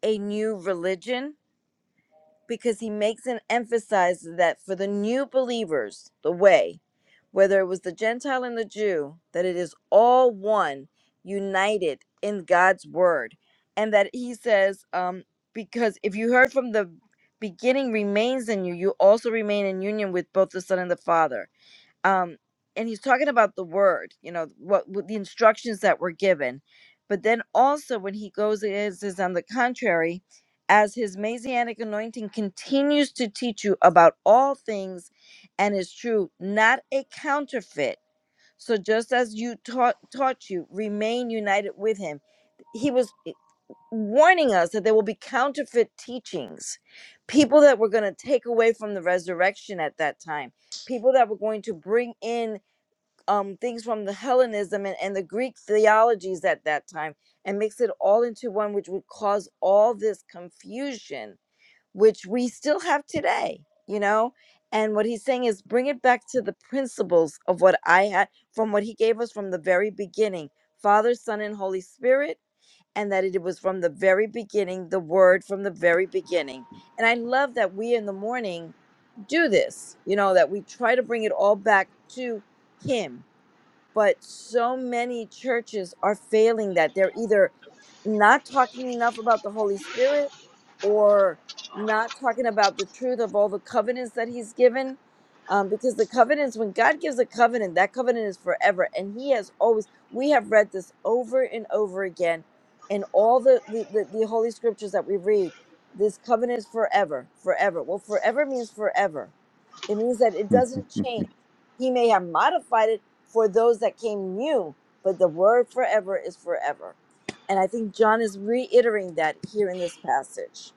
Speaker 7: a new religion because he makes and emphasizes that for the new believers, the way, whether it was the Gentile and the Jew, that it is all one, united in God's word. And that he says, um, because if you heard from the beginning remains in you, you also remain in union with both the Son and the Father um and he's talking about the word you know what, what the instructions that were given but then also when he goes it says on the contrary as his messianic anointing continues to teach you about all things and is true not a counterfeit so just as you taught taught you remain united with him he was warning us that there will be counterfeit teachings, people that were going to take away from the resurrection at that time, people that were going to bring in um, things from the Hellenism and, and the Greek theologies at that time and mix it all into one, which would cause all this confusion, which we still have today, you know? And what he's saying is bring it back to the principles of what I had from what he gave us from the very beginning Father, Son, and Holy Spirit and that it was from the very beginning, the word from the very beginning. And I love that we in the morning do this, you know, that we try to bring it all back to Him. But so many churches are failing that. They're either not talking enough about the Holy Spirit or not talking about the truth of all the covenants that he's given. Um, because the covenants, when God gives a covenant, that covenant is forever. And he has always, we have read this over and over again in all the, the, the, the Holy Scriptures that we read. This covenant is forever, forever. Well, forever means forever it means that it doesn't change. He may have modified it for those that came new, but the word forever is forever. And I think John is reiterating that here in this passage.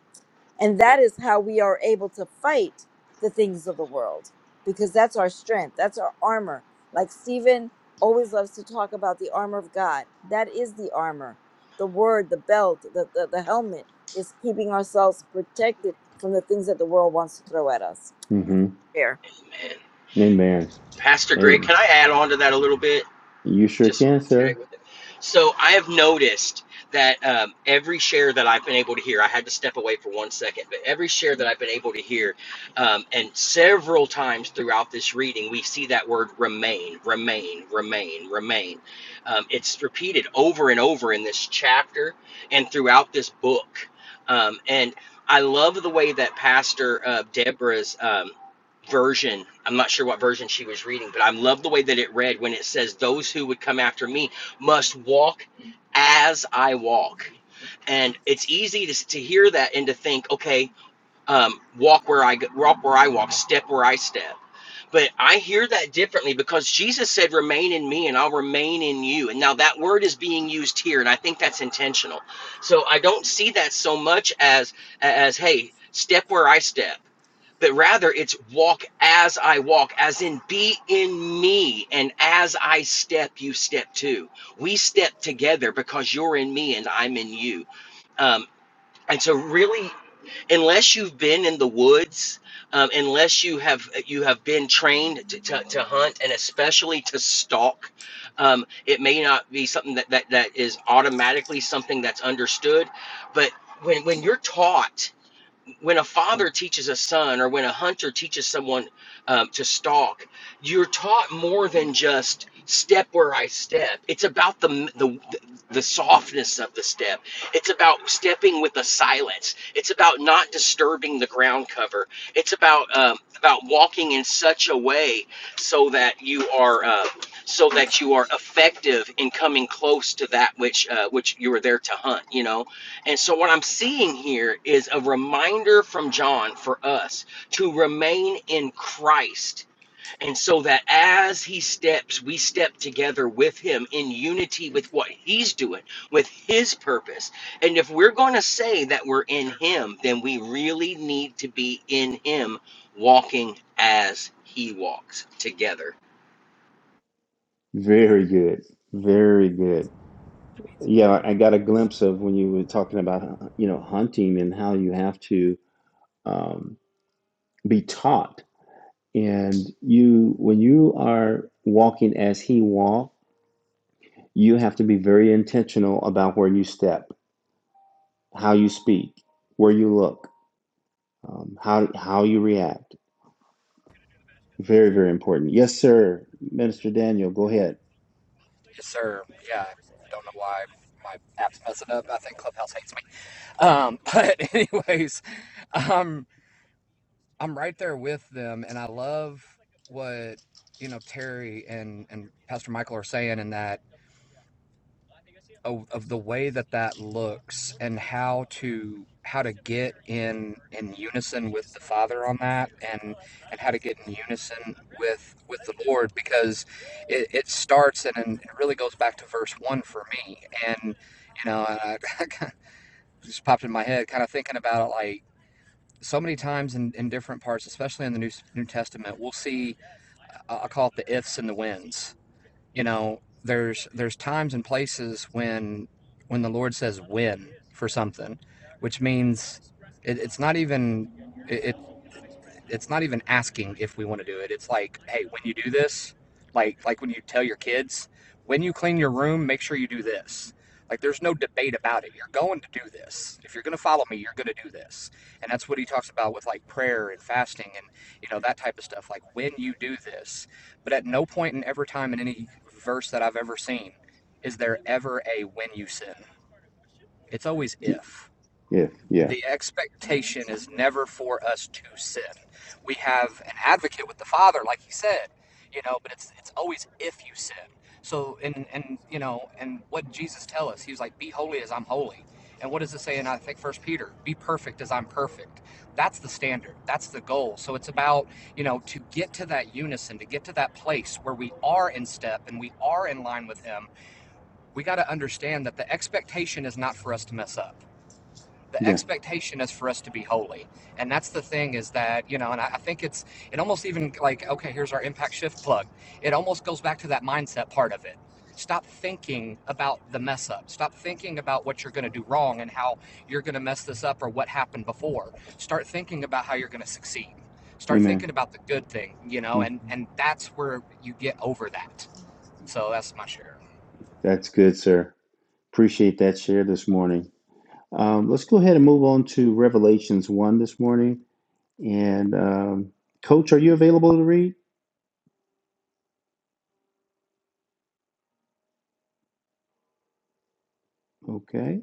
Speaker 7: And that is how we are able to fight the things of the world, because that's our strength, that's our armor. Like Stephen always loves to talk about the armor of God. That is the armor. The word, the belt, the, the, the helmet is keeping ourselves protected from the things that the world wants to throw at us. That's
Speaker 1: hmm
Speaker 7: fair.
Speaker 5: Man.
Speaker 1: Amen.
Speaker 5: Pastor
Speaker 1: Hey,
Speaker 5: Greg, can I add on to that a little bit?
Speaker 1: you sure
Speaker 5: just
Speaker 1: can,
Speaker 5: tag
Speaker 1: sir.
Speaker 5: with it. So I have noticed that um, every share that I've been able to hear, I had to step away for one second, but every share that I've been able to hear, um, and several times throughout this reading, we see that word remain, remain, remain, remain. Um, it's repeated over and over in this chapter and throughout this book. Um, and I love the way that Pastor uh, Deborah's. Um, version. I'm not sure what version she was reading, but I love the way that it read when it says, Those who would come after me must walk as I walk. And it's easy to, to hear that and to think, okay, um, walk where I walk where I walk, step where I step. But I hear that differently because Jesus said, Remain in me and I'll remain in you. And now that word is being used here, and I think that's intentional. So I don't see that so much as as hey, step where I step. But rather it's walk as I walk, as in be in me, and as I step, you step too. We step together because you're in me and I'm in you Um, and so really unless you've been in the woods um, unless you have you have been trained to, to, to hunt and especially to stalk um, it may not be something that, that that is automatically something that's understood but when when you're taught when a father teaches a son or when a hunter teaches someone um, to stalk you're taught more than just step where i step it's about the, the the softness of the step it's about stepping with a silence it's about not disturbing the ground cover it's about um, about walking in such a way so that you are uh, so that you are effective in coming close to that which uh, which you were there to hunt you know and so, what I'm seeing here is a reminder from John for us to remain in Christ. And so that as he steps, we step together with him in unity with what he's doing, with his purpose. And if we're going to say that we're in him, then we really need to be in him, walking as he walks together
Speaker 1: Very good. Very good. Yeah, I got a glimpse of when you were talking about, you know, hunting and how you have to um, be taught. And you, when you are walking as he walked, you have to be very intentional about where you step, how you speak, where you look, um, how how you react. Very, very important. Yes, sir, Minister Daniel, go ahead.
Speaker 11: Yes, sir. Yeah, I don't know why my app's messing up. I think Clubhouse hates me. Um, but anyways, um, I'm right there with them, and I love what you know Terry and and Pastor Michael are saying in that of, of the way that that looks and how to how to get in in unison with the Father on that and and how to get in unison with with the Lord because it, it starts and, and it really goes back to verse one for me and you know I just popped in my head kind of thinking about it like so many times in, in different parts especially in the New New Testament we'll see I I call it the ifs and the wins you know there's there's times and places when when the lord says when for something which means it, it's not even it, it's not even asking if we want to do it. It's like, hey, when you do this, like like when you tell your kids, when you clean your room, make sure you do this. Like there's no debate about it. You're going to do this. If you're going to follow me, you're going to do this. And that's what he talks about with like prayer and fasting and you know that type of stuff. Like when you do this, but at no point in every time in any verse that I've ever seen is there ever a when you sin. It's always if
Speaker 1: Yeah, yeah,
Speaker 11: the expectation is never for us to sin. We have an advocate with the Father, like he said, you know, but it's it's always if you sin. So and and you know, and what did Jesus tell us? He was like, Be holy as I'm holy. And what does it say in I think first Peter? Be perfect as I'm perfect. That's the standard. That's the goal. So it's about, you know, to get to that unison, to get to that place where we are in step and we are in line with him, we gotta understand that the expectation is not for us to mess up the
Speaker 1: yeah.
Speaker 11: expectation is for us to be holy and that's the thing is that you know and i, I think it's it almost even like okay here's our impact shift plug it almost goes back to that mindset part of it stop thinking about the mess up stop thinking about what you're going to do wrong and how you're going to mess this up or what happened before start thinking about how you're going to succeed start
Speaker 1: Amen.
Speaker 11: thinking about the good thing you know
Speaker 1: Mhm.
Speaker 11: and and that's where you get over that so that's my share
Speaker 1: That's good, sir. Appreciate that share this morning. Um, let's go ahead and move on to Revelations 1 this morning. And um, Coach, are you available to read? Okay.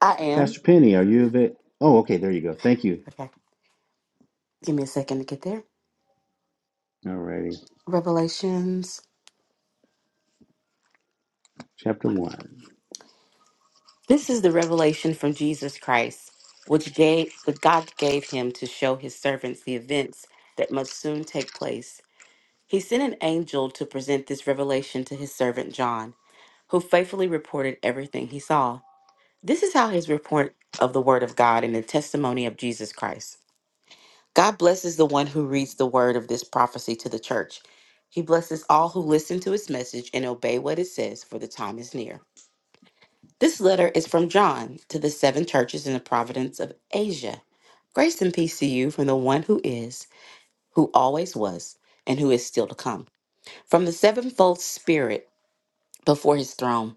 Speaker 12: I am.
Speaker 1: Pastor Penny, are you available? Oh, okay. There you go. Thank you.
Speaker 12: Okay. Give me a second to get there.
Speaker 1: All righty.
Speaker 12: Revelations
Speaker 1: Chapter
Speaker 12: 1.
Speaker 1: 1.
Speaker 12: This is the revelation from Jesus Christ, which gave which God gave him to show his servants the events that must soon take place. He sent an angel to present this revelation to his servant John, who faithfully reported everything he saw. This is how his report of the word of God and the testimony of Jesus Christ. God blesses the one who reads the word of this prophecy to the church. He blesses all who listen to his message and obey what it says, for the time is near. This letter is from John to the seven churches in the province of Asia. Grace and peace to you from the one who is, who always was, and who is still to come, from the sevenfold Spirit before his throne,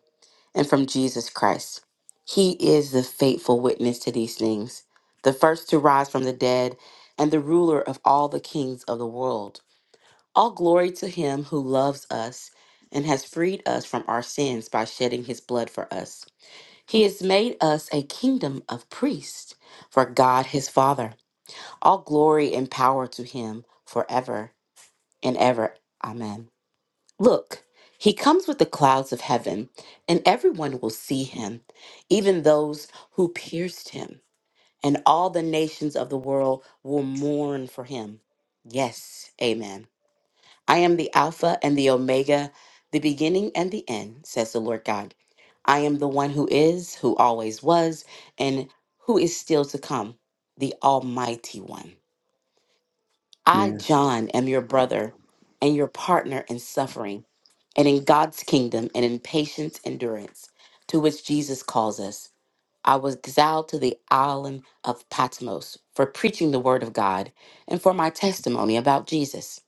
Speaker 12: and from Jesus Christ. He is the faithful witness to these things, the first to rise from the dead, and the ruler of all the kings of the world. All glory to him who loves us and has freed us from our sins by shedding his blood for us. He has made us a kingdom of priests for God his Father. All glory and power to him forever and ever. Amen. Look, he comes with the clouds of heaven, and everyone will see him, even those who pierced him, and all the nations of the world will mourn for him. Yes, amen. I am the Alpha and the Omega, the beginning and the end, says the Lord God. I am the one who is, who always was, and who is still to come, the Almighty One. I,
Speaker 1: Yeah.
Speaker 12: John, am your brother and your partner in suffering and in God's kingdom and in patient endurance to which Jesus calls us. I was exiled to the island of Patmos for preaching the word of God and for my testimony about Jesus.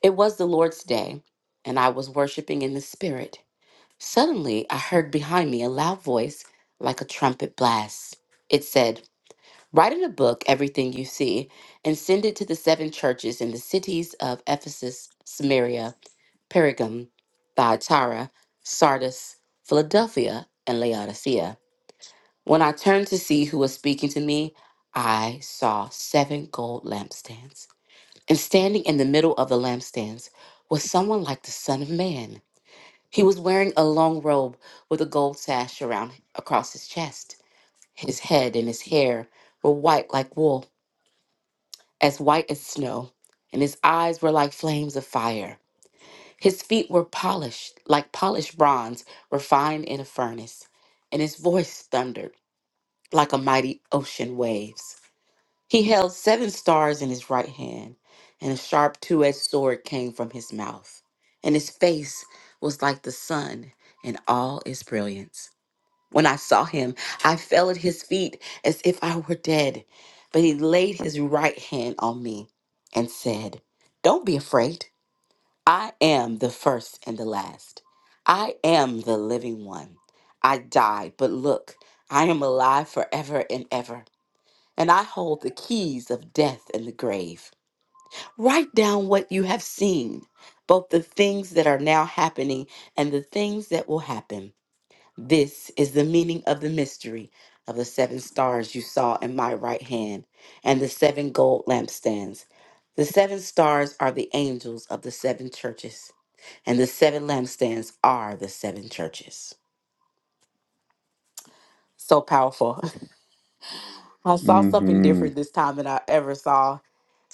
Speaker 12: It was the Lord's day, and I was worshiping in the Spirit. Suddenly, I heard behind me a loud voice like a trumpet blast. It said, Write in a book everything you see and send it to the seven churches in the cities of Ephesus, Samaria, Pergam, Thyatira, Sardis, Philadelphia, and Laodicea. When I turned to see who was speaking to me, I saw seven gold lampstands. And standing in the middle of the lampstands was someone like the Son of Man. He was wearing a long robe with a gold sash around across his chest. His head and his hair were white like wool, as white as snow, and his eyes were like flames of fire. His feet were polished, like polished bronze refined in a furnace, and his voice thundered like a mighty ocean waves. He held seven stars in his right hand, and a sharp two edged sword came from his mouth. And his face was like the sun in all its brilliance. When I saw him, I fell at his feet as if I were dead. But he laid his right hand on me and said, Don't be afraid. I am the first and the last. I am the living one. I died, but look, I am alive forever and ever and I hold the keys of death and the grave. Write down what you have seen, both the things that are now happening and the things that will happen. This is the meaning of the mystery of the seven stars you saw in my right hand and the seven gold lampstands. The seven stars are the angels of the seven churches, and the seven lampstands are the seven churches. So powerful. I saw
Speaker 1: Mm
Speaker 12: something
Speaker 1: hmm.
Speaker 12: different this time than I ever saw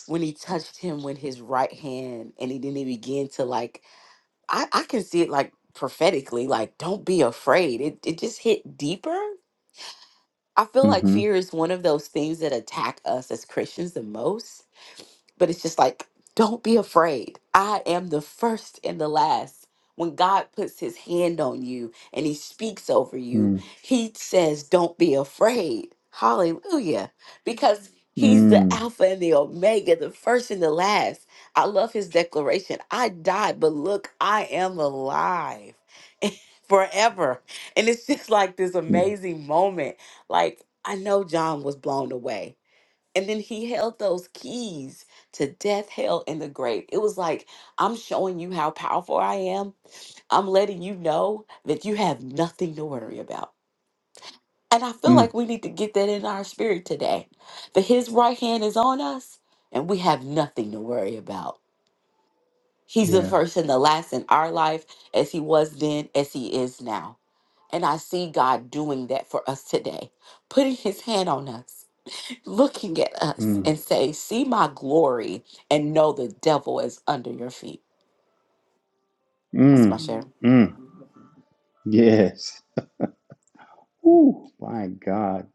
Speaker 12: when he touched him with his right hand and he didn't even begin to like I, I can see it like prophetically, like don't be afraid. It it just hit deeper. I feel
Speaker 1: Mm
Speaker 12: like
Speaker 1: hmm.
Speaker 12: fear is one of those things that attack us as Christians the most but it's just like don't be afraid i am the first and the last when god puts his hand on you and he speaks over you he says don't be afraid hallelujah because he's the
Speaker 1: Mm mm.
Speaker 12: alpha and the omega the first and the last i love his declaration i died but look i am alive forever and it's just like this
Speaker 1: Yeah.
Speaker 12: amazing moment like i know john was blown away and then he held those keys to death, hell, and the grave. It was like, I'm showing you how powerful I am. I'm letting you know that you have nothing to worry about. And I feel like
Speaker 1: Mm.
Speaker 12: we need to get that in our spirit today that his right hand is on us and we have nothing to worry about. He's the
Speaker 1: Yeah.
Speaker 12: first and the last in our life, as he was then, as he is now. And I see God doing that for us today, putting his hand on us looking at us
Speaker 1: Mm.
Speaker 12: and say, See my glory and know the devil is under your feet. That's my share.
Speaker 1: Mm. Mm. Yes. Ooh, my God.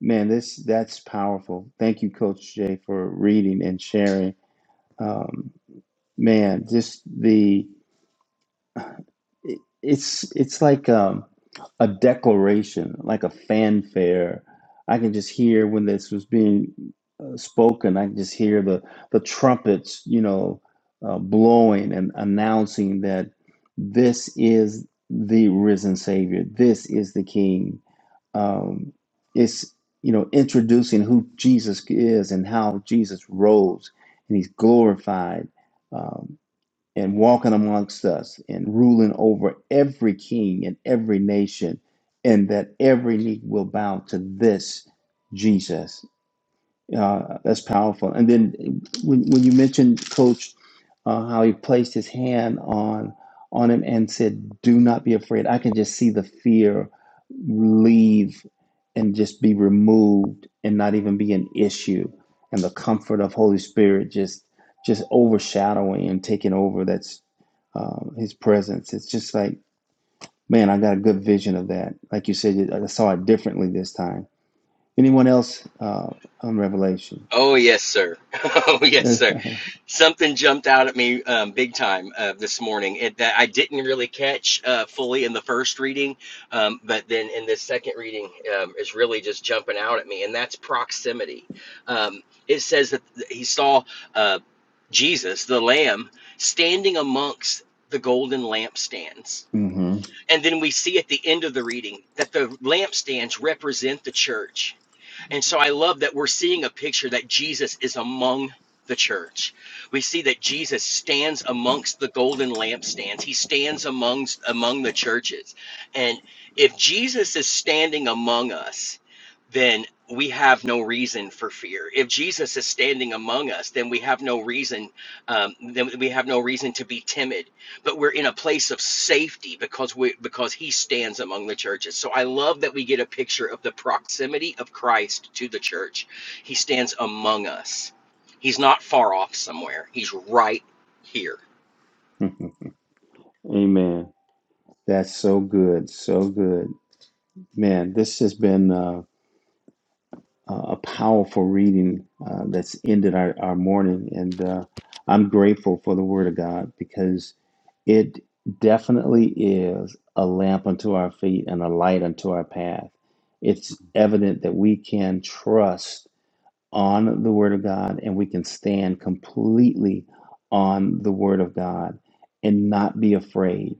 Speaker 1: Man, this that's powerful. Thank you, Coach Jay, for reading and sharing. Um, man, just the it- it's it's like um, a declaration, like a fanfare. I can just hear when this was being uh, spoken. I can just hear the the trumpets, you know, uh, blowing and announcing that this is the risen Savior. This is the King. Um, it's you know introducing who Jesus is and how Jesus rose and He's glorified. um, and walking amongst us and ruling over every king and every nation, and that every knee will bow to this Jesus uh, that's powerful. And then when, when you mentioned Coach, uh, how he placed his hand on on him and said, "Do not be afraid." I can just see the fear leave and just be removed and not even be an issue. And the comfort of Holy Spirit just just overshadowing and taking over. That's um, His presence. It's just like, man, I got a good vision of that. Like you said, I saw it differently this time. Anyone else uh, on Revelation?
Speaker 5: Oh yes, sir. Oh yes, sir. Something jumped out at me um, big time uh, this morning it, that I didn't really catch uh, fully in the first reading, um, but then in this second reading um, is really just jumping out at me, and that's proximity. Um, it says that he saw uh, Jesus, the Lamb, standing amongst the golden lampstands.
Speaker 1: hmm
Speaker 5: And then we see at the end of the reading that the lampstands represent the church and so I love that we're seeing a picture that Jesus is among the church. We see that Jesus stands amongst the golden lampstands. He stands amongst among the churches. And if Jesus is standing among us, then we have no reason for fear. If Jesus is standing among us, then we have no reason. Um, then we have no reason to be timid but we're in a place of safety because we because he stands among the churches. So I love that we get a picture of the proximity of Christ to the church. He stands among us. He's not far off somewhere. He's right here.
Speaker 1: Amen. That's so good, so good, man. This has been uh, a a powerful reading uh, that's ended our, our morning, and uh, I'm grateful for the Word of God because it definitely is a lamp unto our feet and a light unto our path. It's evident that we can trust. on the Word of God and we can stand completely on the Word of God and not be afraid.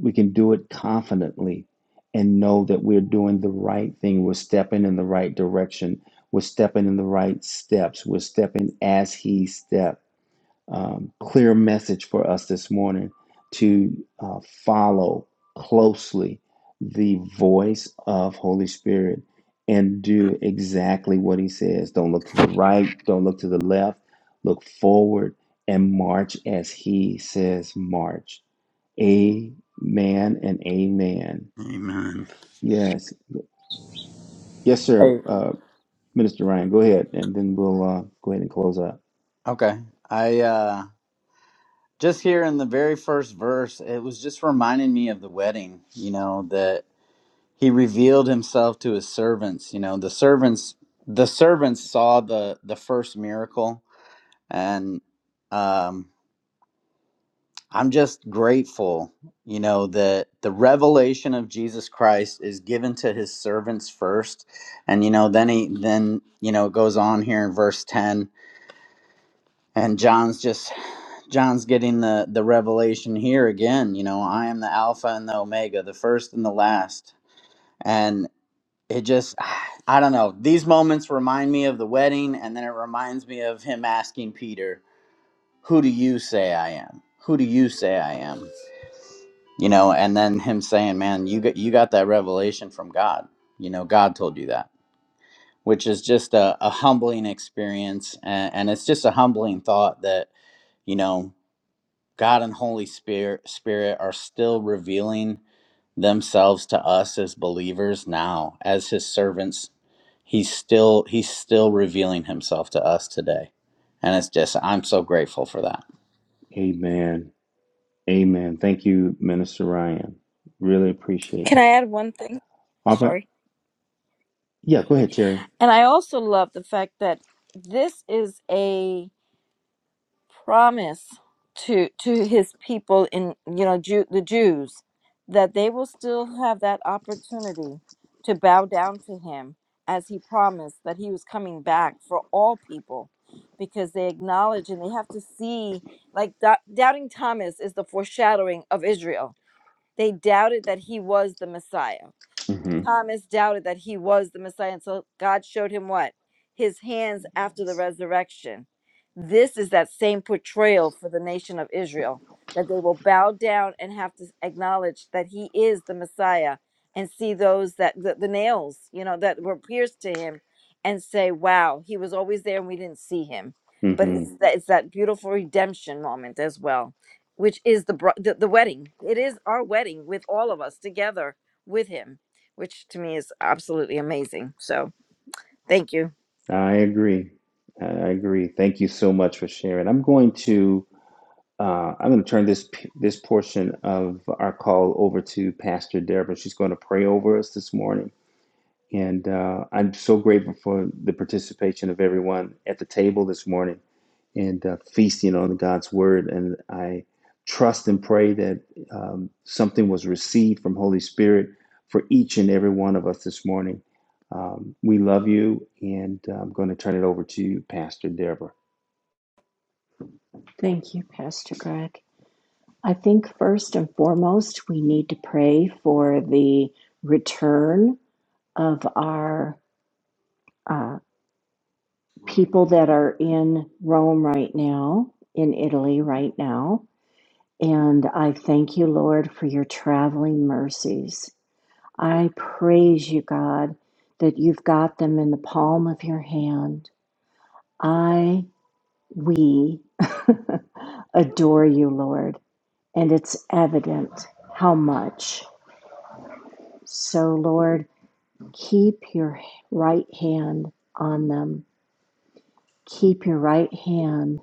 Speaker 1: We can do it confidently and know that we're doing the right thing. We're stepping in the right direction. We're stepping in the right steps. We're stepping as He stepped um, clear message for us this morning to uh, follow closely the voice of Holy Spirit and do exactly what He says. Don't look to the right, don't look to the left, look forward and march as He says march. Amen and amen.
Speaker 4: amen
Speaker 1: Yes. Yes, sir.
Speaker 4: Hey,
Speaker 1: Uh, Minister Ryan, go ahead and then we'll uh, go ahead and close up.
Speaker 4: okay. I uh just here in the very first verse, it was just reminding me of the wedding, you know, that he revealed himself to his servants, you know, the servants the servants saw the the first miracle and um I'm just grateful, you know, that the revelation of Jesus Christ is given to his servants first. And you know, then he then, you know, it goes on here in verse 10 and John's just John's getting the the revelation here again. You know, I am the Alpha and the Omega, the first and the last. And it just, I don't know. These moments remind me of the wedding, and then it reminds me of him asking Peter, "Who do you say I am? Who do you say I am?" You know, and then him saying, "Man, you got you got that revelation from God. You know, God told you that." Which is just a, a humbling experience, and, and it's just a humbling thought that you know. God and Holy Spirit Spirit are still revealing themselves to us as believers now, as his servants. He's still he's still revealing himself to us today. And it's just I'm so grateful for that.
Speaker 1: Amen. Amen. Thank you, Minister Ryan. Really appreciate
Speaker 7: Can I
Speaker 1: you.
Speaker 7: add one thing?
Speaker 1: All right.
Speaker 7: Sorry.
Speaker 1: Yeah,
Speaker 7: real
Speaker 1: go
Speaker 7: quick.
Speaker 1: ahead, Terry.
Speaker 7: And I also love the fact that this is a promise to to his people in you know Jew, the Jews that they will still have that opportunity to bow down to him as he promised that he was coming back for all people because they acknowledge and they have to see like dou- doubting Thomas is the foreshadowing of Israel. They doubted that he was the Messiah
Speaker 1: hmm
Speaker 7: Thomas doubted that he was the Messiah. And so God showed him what? His hands after the resurrection. This is that same portrayal for the nation of Israel that they will bow down and have to acknowledge that he is the Messiah and see those that the, the nails, you know, that were pierced to him and say, wow, he was always there and we didn't see him. But
Speaker 1: hmm
Speaker 7: it's Mhm. that, it's that beautiful redemption moment as well, which is the, bri- the the wedding. It is our wedding with all of us together with him which to me is absolutely amazing. So thank you.
Speaker 1: I agree. I agree. Thank you so much for sharing. I'm going to uh, I'm going to turn this p- this portion of our call over to Pastor Deborah. She's going to pray over us this morning. And uh, I'm so grateful for the participation of everyone at the table this morning and uh, feasting on God's word. And I trust and pray that um, something was received from Holy Spirit for each and every one of us this morning. Um, we love you, and I'm going to turn it over to Pastor Deborah.
Speaker 8: Thank you, Pastor Greg. I think first and foremost, we need to pray for the return of our uh, people that are in Rome right now, in Italy right now. And I thank you, Lord, for your traveling mercies. I praise you, God, that you've got them in the palm of your hand. I, we adore you, Lord, and it's evident how much. So, Lord, keep your right hand on them. Keep your right hand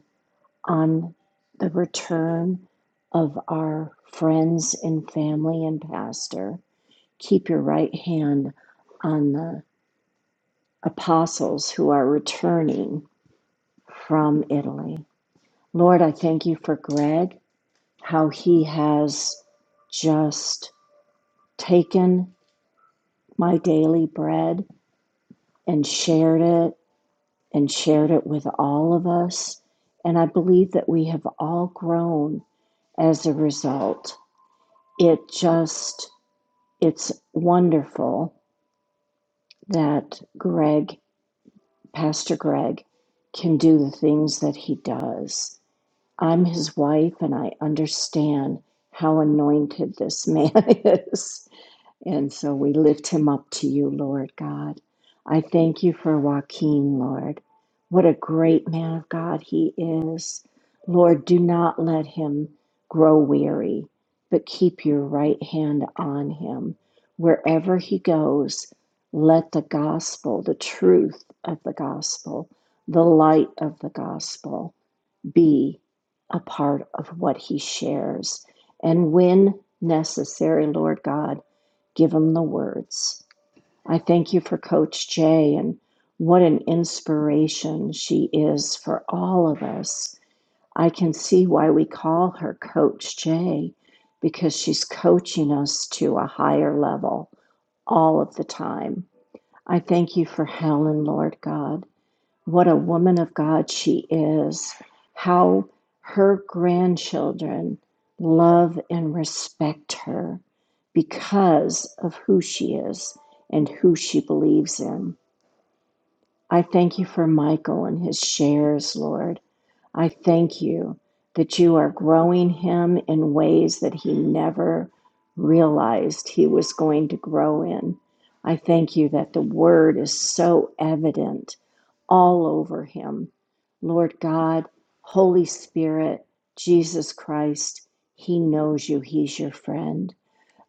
Speaker 8: on the return of our friends and family and pastor. Keep your right hand on the apostles who are returning from Italy. Lord, I thank you for Greg, how he has just taken my daily bread and shared it and shared it with all of us. And I believe that we have all grown as a result. It just It's wonderful that Greg, Pastor Greg, can do the things that he does. I'm his wife and I understand how anointed this man is. And so we lift him up to you, Lord God. I thank you for Joaquin, Lord. What a great man of God he is. Lord, do not let him grow weary, but keep your right hand on him. Wherever he goes, let the gospel, the truth of the gospel, the light of the gospel be a part of what he shares. And when necessary, Lord God, give them the words. I thank you for Coach Jay and what an inspiration she is for all of us. I can see why we call her Coach Jay because she's coaching us to a higher level all of the time. I thank you for Helen, Lord God what a woman of God she is, how her grandchildren love and respect her because of who she is and who she believes in. I thank you for Michael and his shares, Lord. I thank you that you are growing him in ways that he never realized he was going to grow in. I thank you that the word is so evident all over him. Lord God, Holy Spirit, Jesus Christ, He knows you. He's your friend.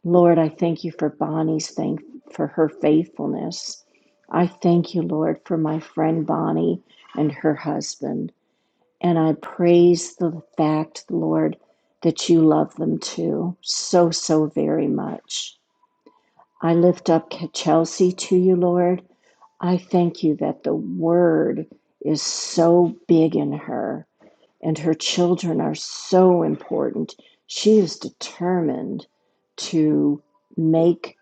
Speaker 8: Lord, I thank you for Bonnie's thank for her faithfulness. I thank you, Lord, for my friend Bonnie and her husband. And I praise the fact, Lord, that you love them too, so, so very much. I lift up Chelsea to you, Lord. I thank you that the word is so big in her and her children are so important. She is determined to make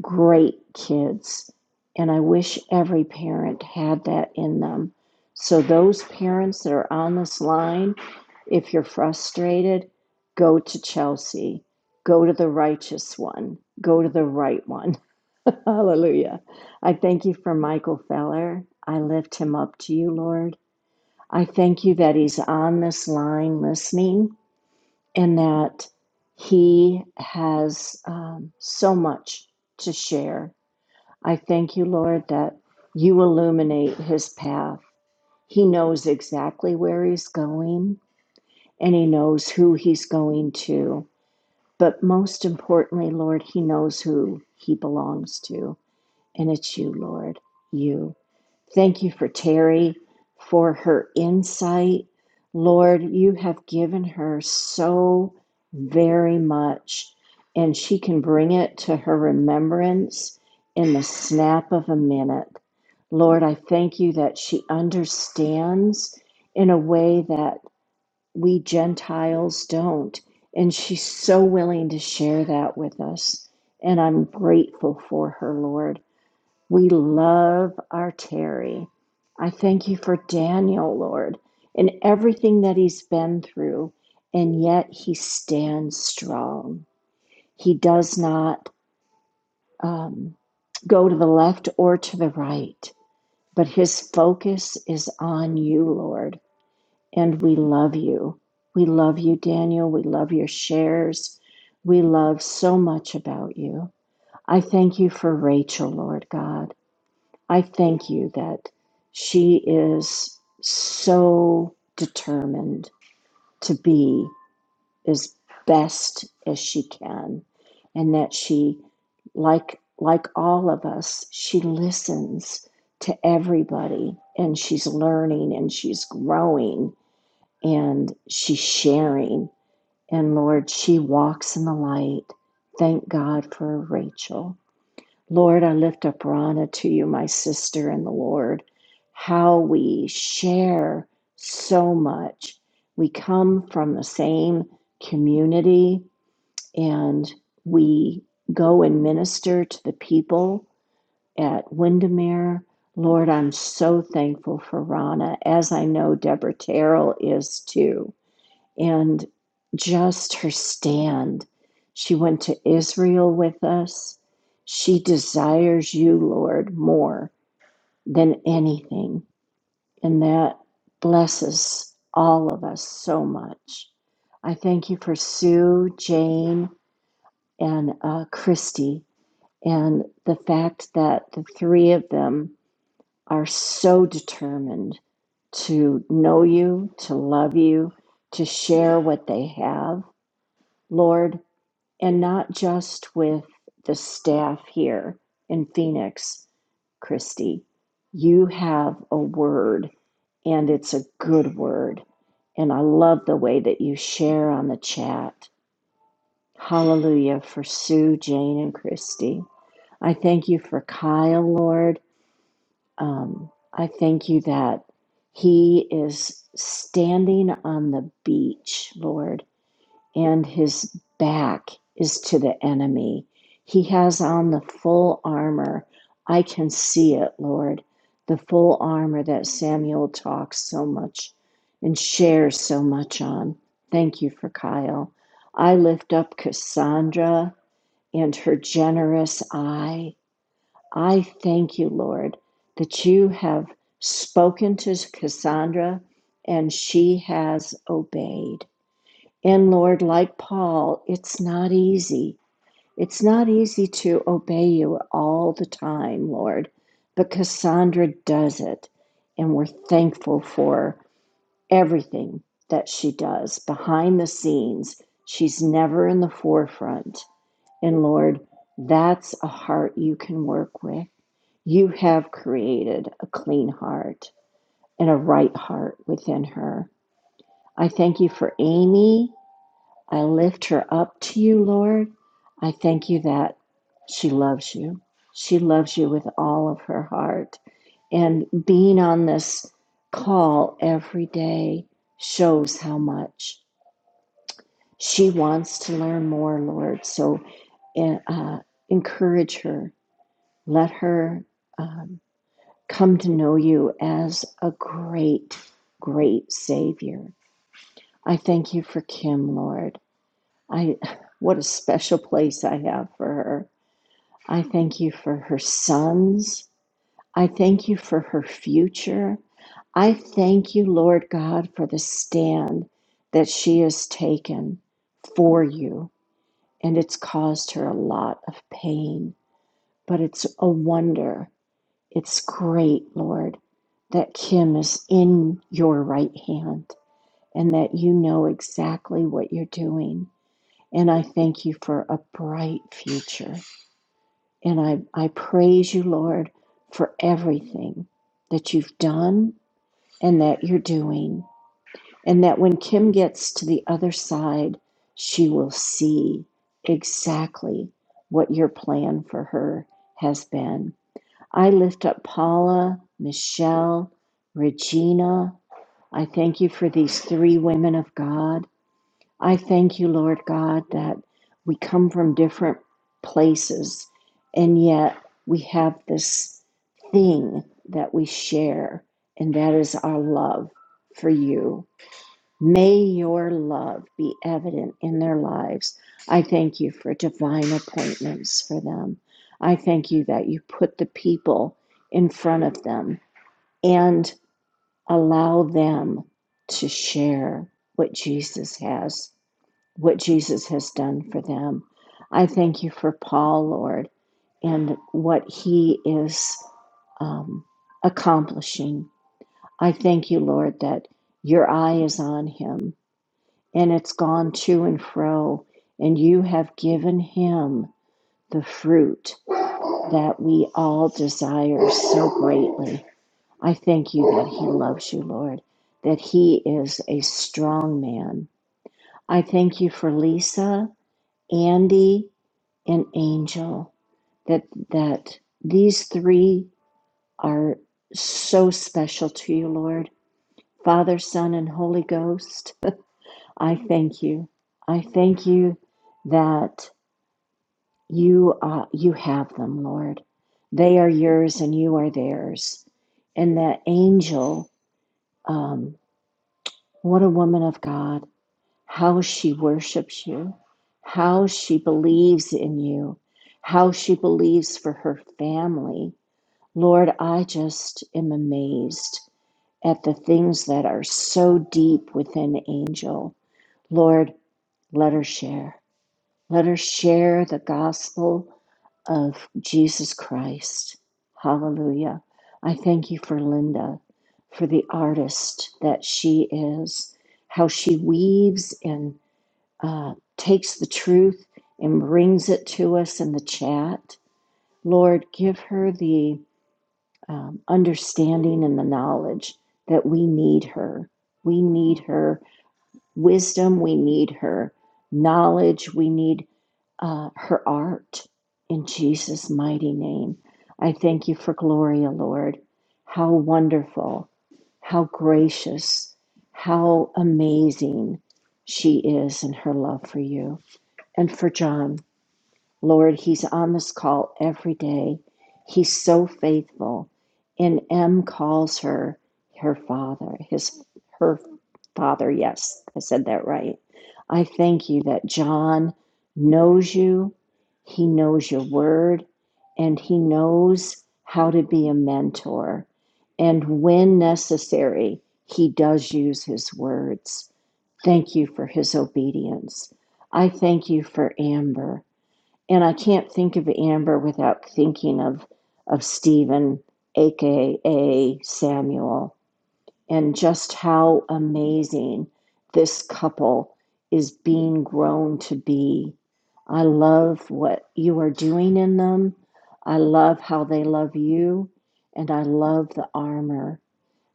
Speaker 8: great kids. And I wish every parent had that in them. So, those parents that are on this line, if you're frustrated, go to Chelsea, go to the righteous one, go to the right one. Hallelujah. I thank you for Michael Feller. I lift him up to you, Lord. I thank you that he's on this line listening and that he has um, so much to share. I thank you, Lord, that you illuminate his path. He knows exactly where he's going and he knows who he's going to. But most importantly, Lord, he knows who he belongs to, and it's you, Lord you. Thank you for Terry, for her insight. Lord, you have given her so very much, and she can bring it to her remembrance in the snap of a minute. Lord, I thank you that she understands in a way that we Gentiles don't. And she's so willing to share that with us. And I'm grateful for her, Lord. We love our Terry. I thank you for Daniel, Lord, and everything that he's been through, and yet he stands strong. He does not um, go to the left or to the right, but his focus is on you, Lord, and we love you. We love you, Daniel. We love your shares. We love so much about you. I thank you for Rachel, Lord God. I thank you that she is so determined to be as best as she can and that she like like all of us she listens to everybody and she's learning and she's growing and she's sharing and lord she walks in the light thank god for rachel Lord, I lift up Rana to you, my sister in the Lord, how we share so much. We come from the same community and we go and minister to the people at Windermere. Lord, I'm so thankful for Rana, as I know Deborah Terrell is too and just her stand. She went to Israel with us. She desires you, Lord, more than anything. And that blesses all of us so much. I thank you for Sue, Jane, and uh, Christy, and the fact that the three of them are so determined to know you, to love you, to share what they have, Lord. and not just with the staff here in Phoenix, Christy. You have a word, and it's a good word. And I love the way that you share on the chat. Hallelujah for Sue, Jane, and Christy. I thank you for Kyle, Lord. Um, I thank you that he is standing on the beach, Lord and his back is to the enemy. He has on the full armor. I can see it, Lord, the full armor that Samuel talks so much and shares so much on. Thank you for Kyle. I lift up Cassandra and her generous eye. I thank you, Lord, that you have spoken to Cassandra and she has obeyed. And Lord, like Paul, it's not easy. It's not easy to obey you all the time, Lord, but Cassandra does it. And we're thankful for everything that she does behind the scenes. She's never in the forefront. And Lord, that's a heart you can work with. You have created a clean heart and a right heart within her. I thank you for Amy I lift her up to you, Lord. I thank you that she loves you. She loves you with all of her heart. And being on this call every day shows how much she wants to learn more, Lord. So eh, uh, encourage her. Let her um, come to know you as a great, great Savior. I thank you for Kim, Lord. I what a special place I have for her. I thank you for her sons. I thank you for her future. I thank you, Lord God, for the stand that she has taken for you. And it's caused her a lot of pain, but it's a wonder. It's great, Lord, that Kim is in your right hand and that you know exactly what you're doing and I thank you for a bright future. And I, I praise you, Lord, for everything that you've done and that you're doing. And that when Kim gets to the other side, she will see exactly what your plan for her has been. I lift up Paula, Michelle, Regina. I thank you for these three women of God. I thank you, Lord God, that we come from different places and yet we have this thing that we share, and that is our love for you. May your love be evident in their lives. I thank you for divine appointments for them. I thank you that you put the people in front of them and allow them to share what Jesus has what Jesus has done for them. I thank you for Paul, Lord, and what he is um, accomplishing. I thank you, Lord, that your eye is on him and it's gone to and fro, and you have given him the fruit that we all desire so greatly. I thank you that he loves you, Lord, that he is a strong man. I thank you for Lisa. Andy and Angel, that that these three are so special to you, Lord. Father, Son, and Holy Ghost, I thank you. I thank you that you uh, you have them, Lord. They are yours, and you are theirs. And that angel, um, what a woman of God! how she worships you, how she believes in you, how she believes for her family. Lord, I just am amazed at the things that are so deep within Angel. Lord, let her share. Let her share the gospel of Jesus Christ. Hallelujah. I thank you for Linda, for the artist that she is, how she weaves in uh, takes the truth and brings it to us in the chat. Lord, give her the um, understanding and the knowledge that we need her. We need her wisdom. We need her knowledge. We need uh, her art. In Jesus' mighty name, I thank you for Gloria, Lord. How wonderful, how gracious, how amazing she is in her love for you. And for John, Lord, he's on this call every day. He's so faithful. And M calls her her father, his her father. Yes, I said that right. I thank you that John knows you, he knows your word, and he knows how to be a mentor. And when necessary, he does use his words. Thank you for his obedience. I thank you for Amber. And I can't think of Amber without thinking of, of Stephen, aka Samuel, and just how amazing this couple is being grown to be. I love what you are doing in them. I love how they love you. And I love the armor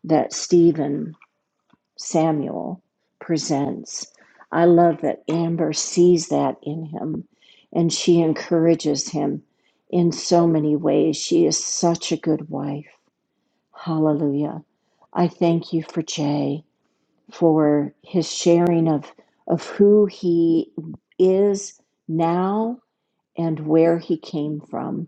Speaker 8: that Stephen Samuel presents. I love that Amber sees that in him and she encourages him in so many ways. She is such a good wife. Hallelujah. I thank you for Jay, for his sharing of, of who he is now and where he came from.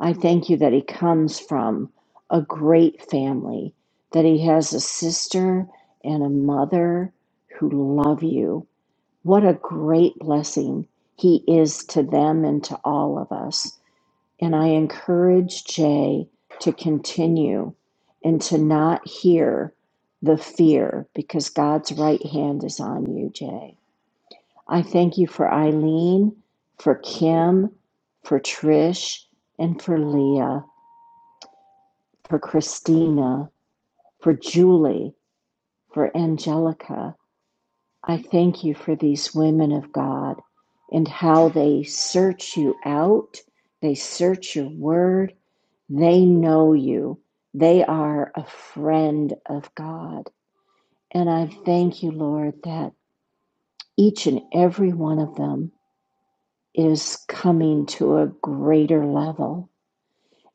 Speaker 8: I thank you that he comes from a great family, that he has a sister and a mother who love you. What a great blessing he is to them and to all of us. And I encourage Jay to continue and to not hear the fear because God's right hand is on you, Jay. I thank you for Eileen, for Kim, for Trish, and for Leah for Christina, for Julie, for Angelica. I thank you for these women of God and how they search you out. They search your word. They know you. They are a friend of God. And I thank you, Lord, that each and every one of them is coming to a greater level.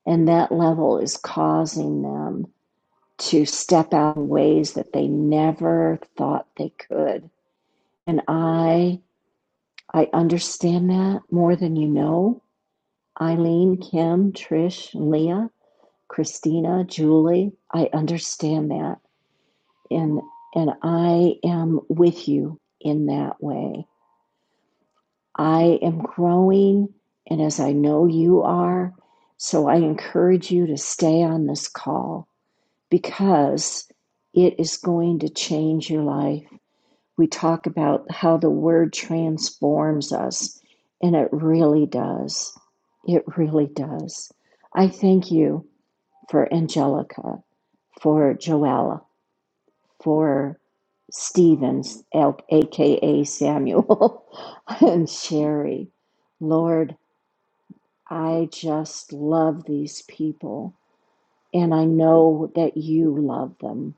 Speaker 8: And that level is causing them to step out in ways that they never thought they could. And I I understand that more than you know. Eileen, Kim, Trish, Leah, Christina, Julie, I understand that. And and I am with you in that way. I am growing and as I know you are, so I encourage you to stay on this call because it is going to change your life we talk about how the word transforms us, and it really does. It really does. I thank you for Angelica, for Joella, for Stevens, aka Samuel, and Sherry. Lord, I just love these people, and I know that you love them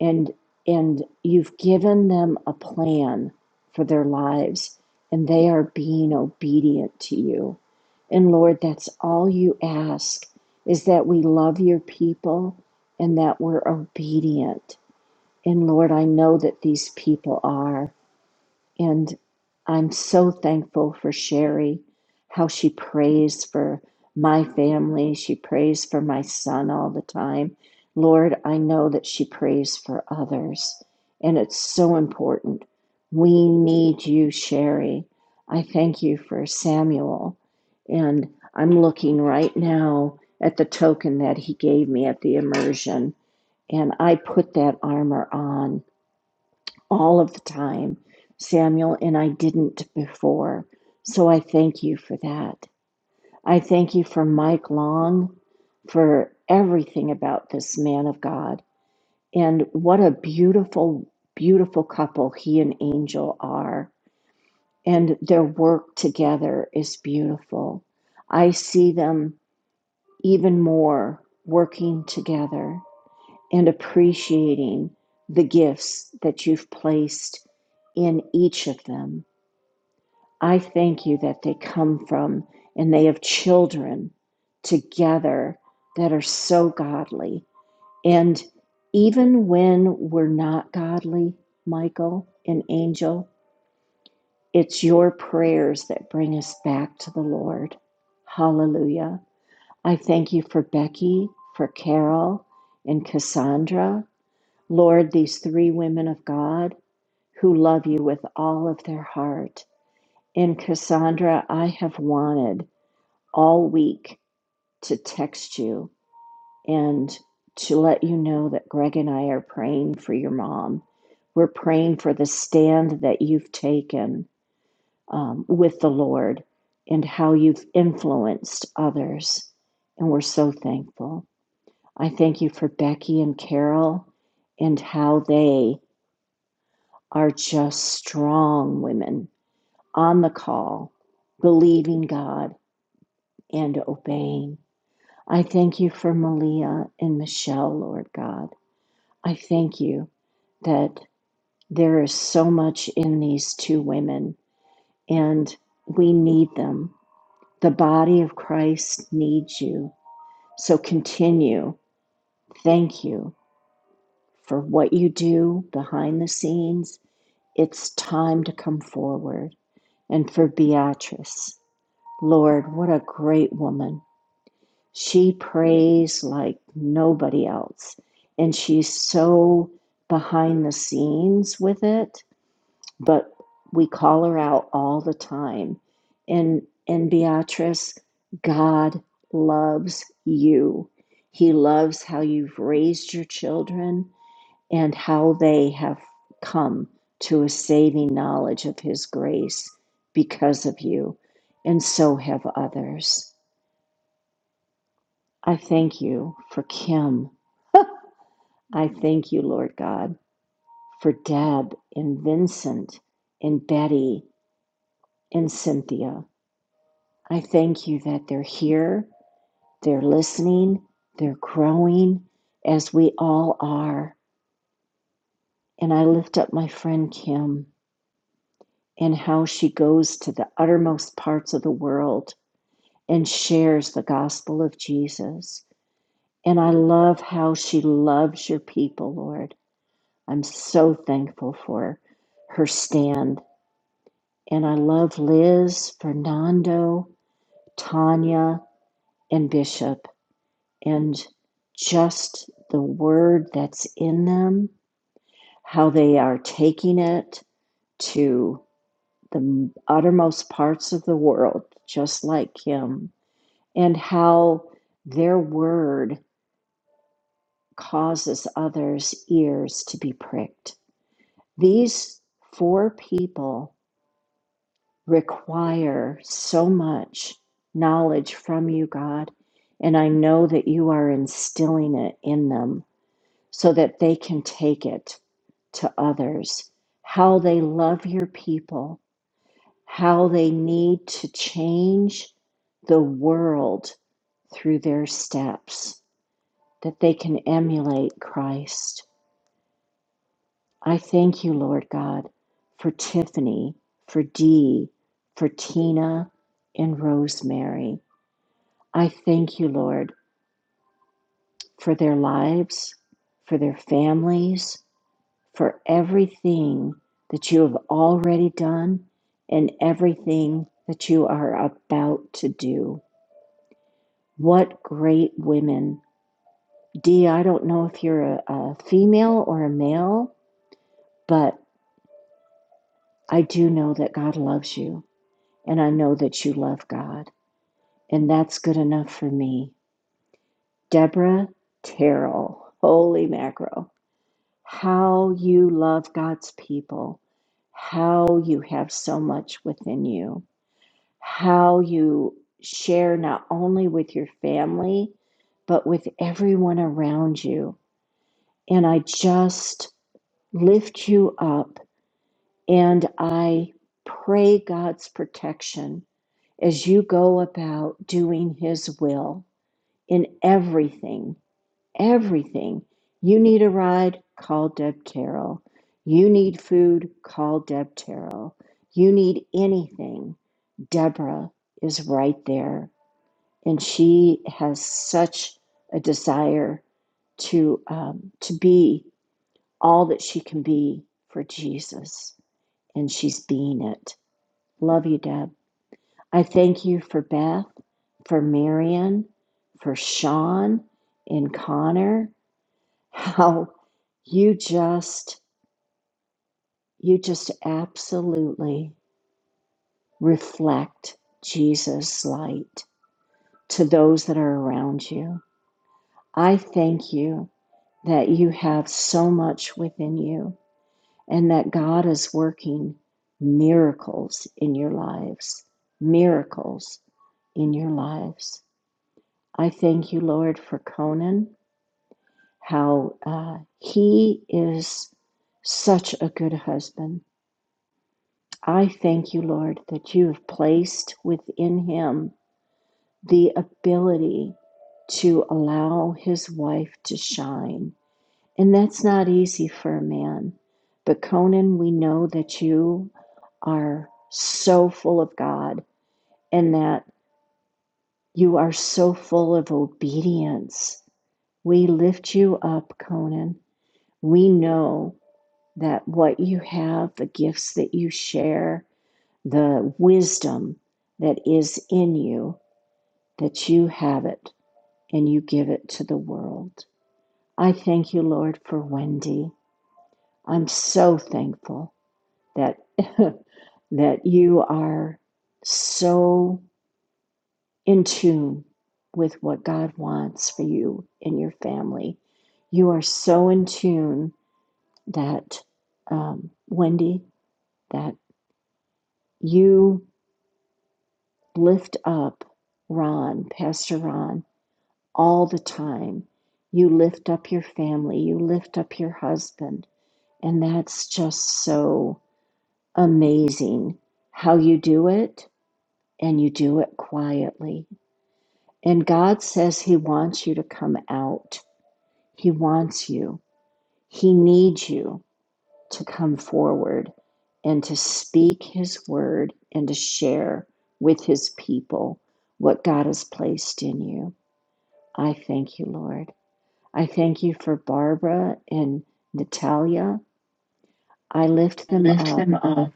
Speaker 8: and and you've given them a plan for their lives and they are being obedient to you and lord that's all you ask is that we love your people and that we're obedient and lord i know that these people are and I'm so thankful for Sherry, how she prays for my family. She prays for my son all the time. Lord, I know that she prays for others, and it's so important. We need you, Sherry. I thank you for Samuel. And I'm looking right now at the token that he gave me at the immersion, and I put that armor on all of the time, Samuel, and I didn't before. So I thank you for that. I thank you for Mike Long for everything about this man of God. And what a beautiful, beautiful couple he and Angel are. And their work together is beautiful. I see them even more working together and appreciating the gifts that you've placed in each of them I thank you that they come from and they have children together that are so godly. And even when we're not godly, Michael and Angel, it's your prayers that bring us back to the Lord. Hallelujah. I thank you for Becky, for Carol, and Cassandra. Lord, these three women of God who love you with all of their heart. And Cassandra, I have wanted. all week to text you and to let you know that Greg and I are praying for your mom. We're praying for the stand that you've taken um, with the Lord and how you've influenced others. And we're so thankful. I thank you for Becky and Carol and how they are just strong women on the call, believing God and obeying. I thank you for Malia and Michelle, Lord God. I thank you that there is so much in these two women, and we need them. The body of Christ needs you. So continue. Thank you for what you do behind the scenes. It's time to come forward. And for Beatrice, Lord, what a great woman. She prays like nobody else. And she's so behind the scenes with it, but we call her out all the time. And and Beatrice, God loves you. He loves how you've raised your children and how they have come to a saving knowledge of his grace because of you. And so have others. I thank you for Kim I thank you, Lord God, for Deb and Vincent and Betty and Cynthia. I thank you that they're here, they're listening, they're growing as we all are. And I lift up my friend Kim and how she goes to the uttermost parts of the world and shares the gospel of Jesus. And I love how she loves your people, Lord. I'm so thankful for her stand And I love Liz, Fernando, Tanya, and Bishop, and just the word that's in them, how they are taking it to the uttermost parts of the world, just like him, and how their word causes others' ears to be pricked. These four people require so much knowledge from you, God. And I know that you are instilling it in them so that they can take it to others. How they love your people, how they need to change the world through their steps, that they can emulate Christ. I thank you, Lord God, for Tiffany, for Dee, for Tina, and Rosemary. I thank you, Lord, for their lives, for their families, for everything that you have already done and everything that you are about to do. What great women. Dee, I don't know if you're a, a female or a male, but I do know that God loves you. and I know that you love God. And that's good enough for me. Deborah Terrell, holy mackerel. How you love God's people, how you have so much within you, how you share not only with your family, but with everyone around you. And I just lift you up and I pray God's protection as you go about doing His will in everything, everything. You need a ride, call Deb Terrell. You need food, call Deb Terrell. You need anything, Deborah is right there. And she has such a desire to, um, to be all that she can be for Jesus. And she's being it. Love you, Deb. I thank you for Beth, for Marion, for Sean and Connor, how you just, you just absolutely reflect Jesus' light to those that are around you. I thank you that you have so much within you and that God is working miracles in your lives, miracles in your lives. I thank you, Lord, for Conan, how uh, he is such a good husband. I thank you, Lord, that you have placed within him the ability to allow his wife to shine. And that's not easy for a man. But Conan, we know that you are so full of God and that you are so full of obedience. We lift you up, Conan. we know that what you have, the gifts that you share, the wisdom that is in you, that you have it and you give it to the world. I thank you, Lord, for Wendy. I'm so thankful that that you are so in tune with what God wants for you and your family. You are so in tune that um, Wendy, that You lift up Ron, Pastor Ron, all the time. You lift up your family, you lift up your husband. And that's just so amazing how you do it, and you do it quietly. And God says He wants you to come out, He wants you, He needs you. to come forward and to speak his word and to share with his people what God has placed in you. I thank you, Lord. I thank you for Barbara and Natalia. I lift
Speaker 1: I
Speaker 8: them
Speaker 1: lift
Speaker 8: up.
Speaker 1: them up.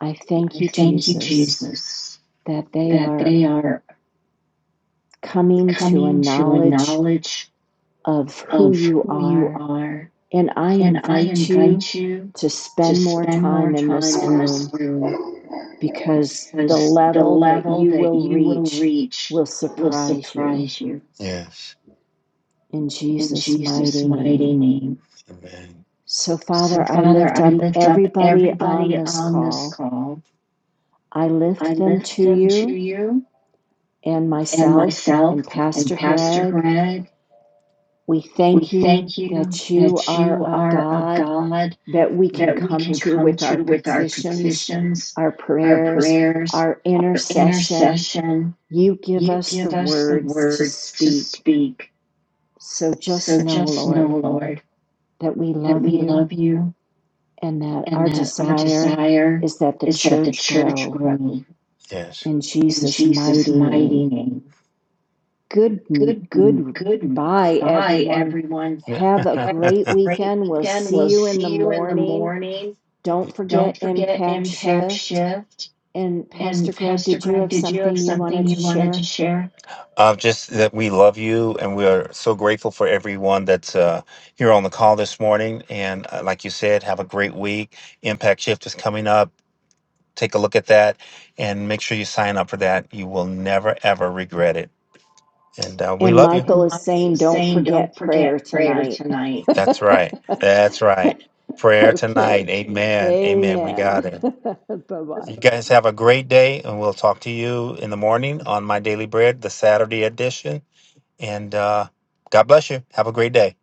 Speaker 8: I thank
Speaker 1: I
Speaker 8: you,
Speaker 1: thank you,
Speaker 8: Jesus,
Speaker 1: Jesus,
Speaker 8: that they
Speaker 1: that
Speaker 8: are
Speaker 1: they are
Speaker 8: coming to a
Speaker 1: coming to a
Speaker 8: knowledge
Speaker 1: knowledge
Speaker 8: of who
Speaker 1: of
Speaker 8: you
Speaker 1: who you
Speaker 8: are.
Speaker 1: are
Speaker 8: And I
Speaker 1: And I
Speaker 8: invite you
Speaker 1: invite you
Speaker 8: to
Speaker 1: to
Speaker 8: spend more
Speaker 1: spend more
Speaker 8: time in this
Speaker 1: time in this
Speaker 8: room
Speaker 1: room
Speaker 8: because the
Speaker 1: because the
Speaker 8: level that
Speaker 1: level
Speaker 8: you
Speaker 1: that
Speaker 8: will
Speaker 1: you will
Speaker 8: reach
Speaker 1: reach
Speaker 8: will
Speaker 1: will
Speaker 8: surprise you
Speaker 1: surprise you Yes.
Speaker 8: in
Speaker 1: in
Speaker 8: Jesus'
Speaker 1: Jesus'
Speaker 8: mighty
Speaker 1: mighty
Speaker 8: name.
Speaker 1: name. Amen.
Speaker 8: So,
Speaker 1: So,
Speaker 8: Father, I
Speaker 1: Father,
Speaker 8: lift
Speaker 1: I
Speaker 8: up
Speaker 1: lift up
Speaker 8: everybody on
Speaker 1: everybody
Speaker 8: this
Speaker 1: on this
Speaker 8: call.
Speaker 1: call.
Speaker 8: I
Speaker 1: I
Speaker 8: lift them
Speaker 1: lift
Speaker 8: to
Speaker 1: them to
Speaker 8: you
Speaker 1: you
Speaker 8: and
Speaker 1: and
Speaker 8: myself
Speaker 1: myself
Speaker 8: and
Speaker 1: and
Speaker 8: Pastor
Speaker 1: Pastor
Speaker 8: Greg.
Speaker 1: Greg.
Speaker 8: We
Speaker 1: We
Speaker 8: thank you
Speaker 1: thank you
Speaker 8: that you
Speaker 1: that
Speaker 8: are
Speaker 1: you
Speaker 8: a
Speaker 1: are a
Speaker 8: God
Speaker 1: God
Speaker 8: that we can
Speaker 1: that we
Speaker 8: come
Speaker 1: can
Speaker 8: to
Speaker 1: come
Speaker 8: with our
Speaker 1: to with our
Speaker 8: petitions,
Speaker 1: petitions,
Speaker 8: our
Speaker 1: our
Speaker 8: prayers,
Speaker 1: prayers,
Speaker 8: our
Speaker 1: our
Speaker 8: intercession.
Speaker 1: intercession.
Speaker 8: You give
Speaker 1: You
Speaker 8: us the
Speaker 1: give us the
Speaker 8: words to
Speaker 1: words to
Speaker 8: speak
Speaker 1: speak.
Speaker 8: So just
Speaker 1: So
Speaker 8: know,
Speaker 1: just know,
Speaker 8: Lord,
Speaker 1: Lord,
Speaker 8: that we
Speaker 1: that
Speaker 8: love
Speaker 1: we
Speaker 8: you
Speaker 1: love you
Speaker 8: and that
Speaker 1: and
Speaker 8: our
Speaker 1: that our
Speaker 8: desire
Speaker 1: desire
Speaker 8: is that the
Speaker 1: is that the
Speaker 8: church
Speaker 1: church
Speaker 8: grow
Speaker 1: grow Yes.
Speaker 8: in
Speaker 1: in
Speaker 8: Jesus'
Speaker 1: Jesus'
Speaker 8: mighty
Speaker 1: mighty
Speaker 8: name.
Speaker 1: name.
Speaker 8: Good,
Speaker 1: Good, good.
Speaker 8: goodbye,
Speaker 1: Bye,
Speaker 8: everyone.
Speaker 1: everyone. Yeah.
Speaker 8: Have a
Speaker 1: Have
Speaker 8: great
Speaker 1: a great
Speaker 8: weekend. We'll
Speaker 1: weekend.
Speaker 8: see
Speaker 1: We'll
Speaker 8: you in the
Speaker 1: see you in the
Speaker 8: morning.
Speaker 1: morning.
Speaker 8: Don't
Speaker 1: Don't
Speaker 8: forget
Speaker 1: forget
Speaker 8: Impact
Speaker 1: Impact
Speaker 8: Shift.
Speaker 1: Shift.
Speaker 8: And Pastor
Speaker 1: And
Speaker 8: Greg,
Speaker 1: Pastor
Speaker 8: did you
Speaker 1: Greg,
Speaker 8: have
Speaker 1: did you have
Speaker 8: something you
Speaker 1: something
Speaker 8: wanted to
Speaker 1: you wanted to
Speaker 8: share?
Speaker 1: share? Uh, just that we love you and we are so grateful for everyone that's uh, here on the call this morning. And uh, like you said, have a great week. Impact Shift is coming up. Take a look at that and make sure you sign up for that. You will never, ever regret it. And uh, we
Speaker 8: And
Speaker 1: love you.
Speaker 8: Michael
Speaker 1: And
Speaker 8: is
Speaker 1: Michael
Speaker 8: saying,
Speaker 1: is
Speaker 8: don't
Speaker 1: saying, don't
Speaker 8: forget
Speaker 1: forget
Speaker 8: prayer
Speaker 1: prayer
Speaker 8: tonight.
Speaker 1: tonight. That's right. That's right. Prayer
Speaker 8: Okay.
Speaker 1: tonight. Amen. Amen. We
Speaker 8: Amen.
Speaker 1: got it.
Speaker 8: Bye bye.
Speaker 1: You guys have a great day, and we'll talk to you in the morning on My Daily Bread, the Saturday edition. And uh, God bless you. Have a great day.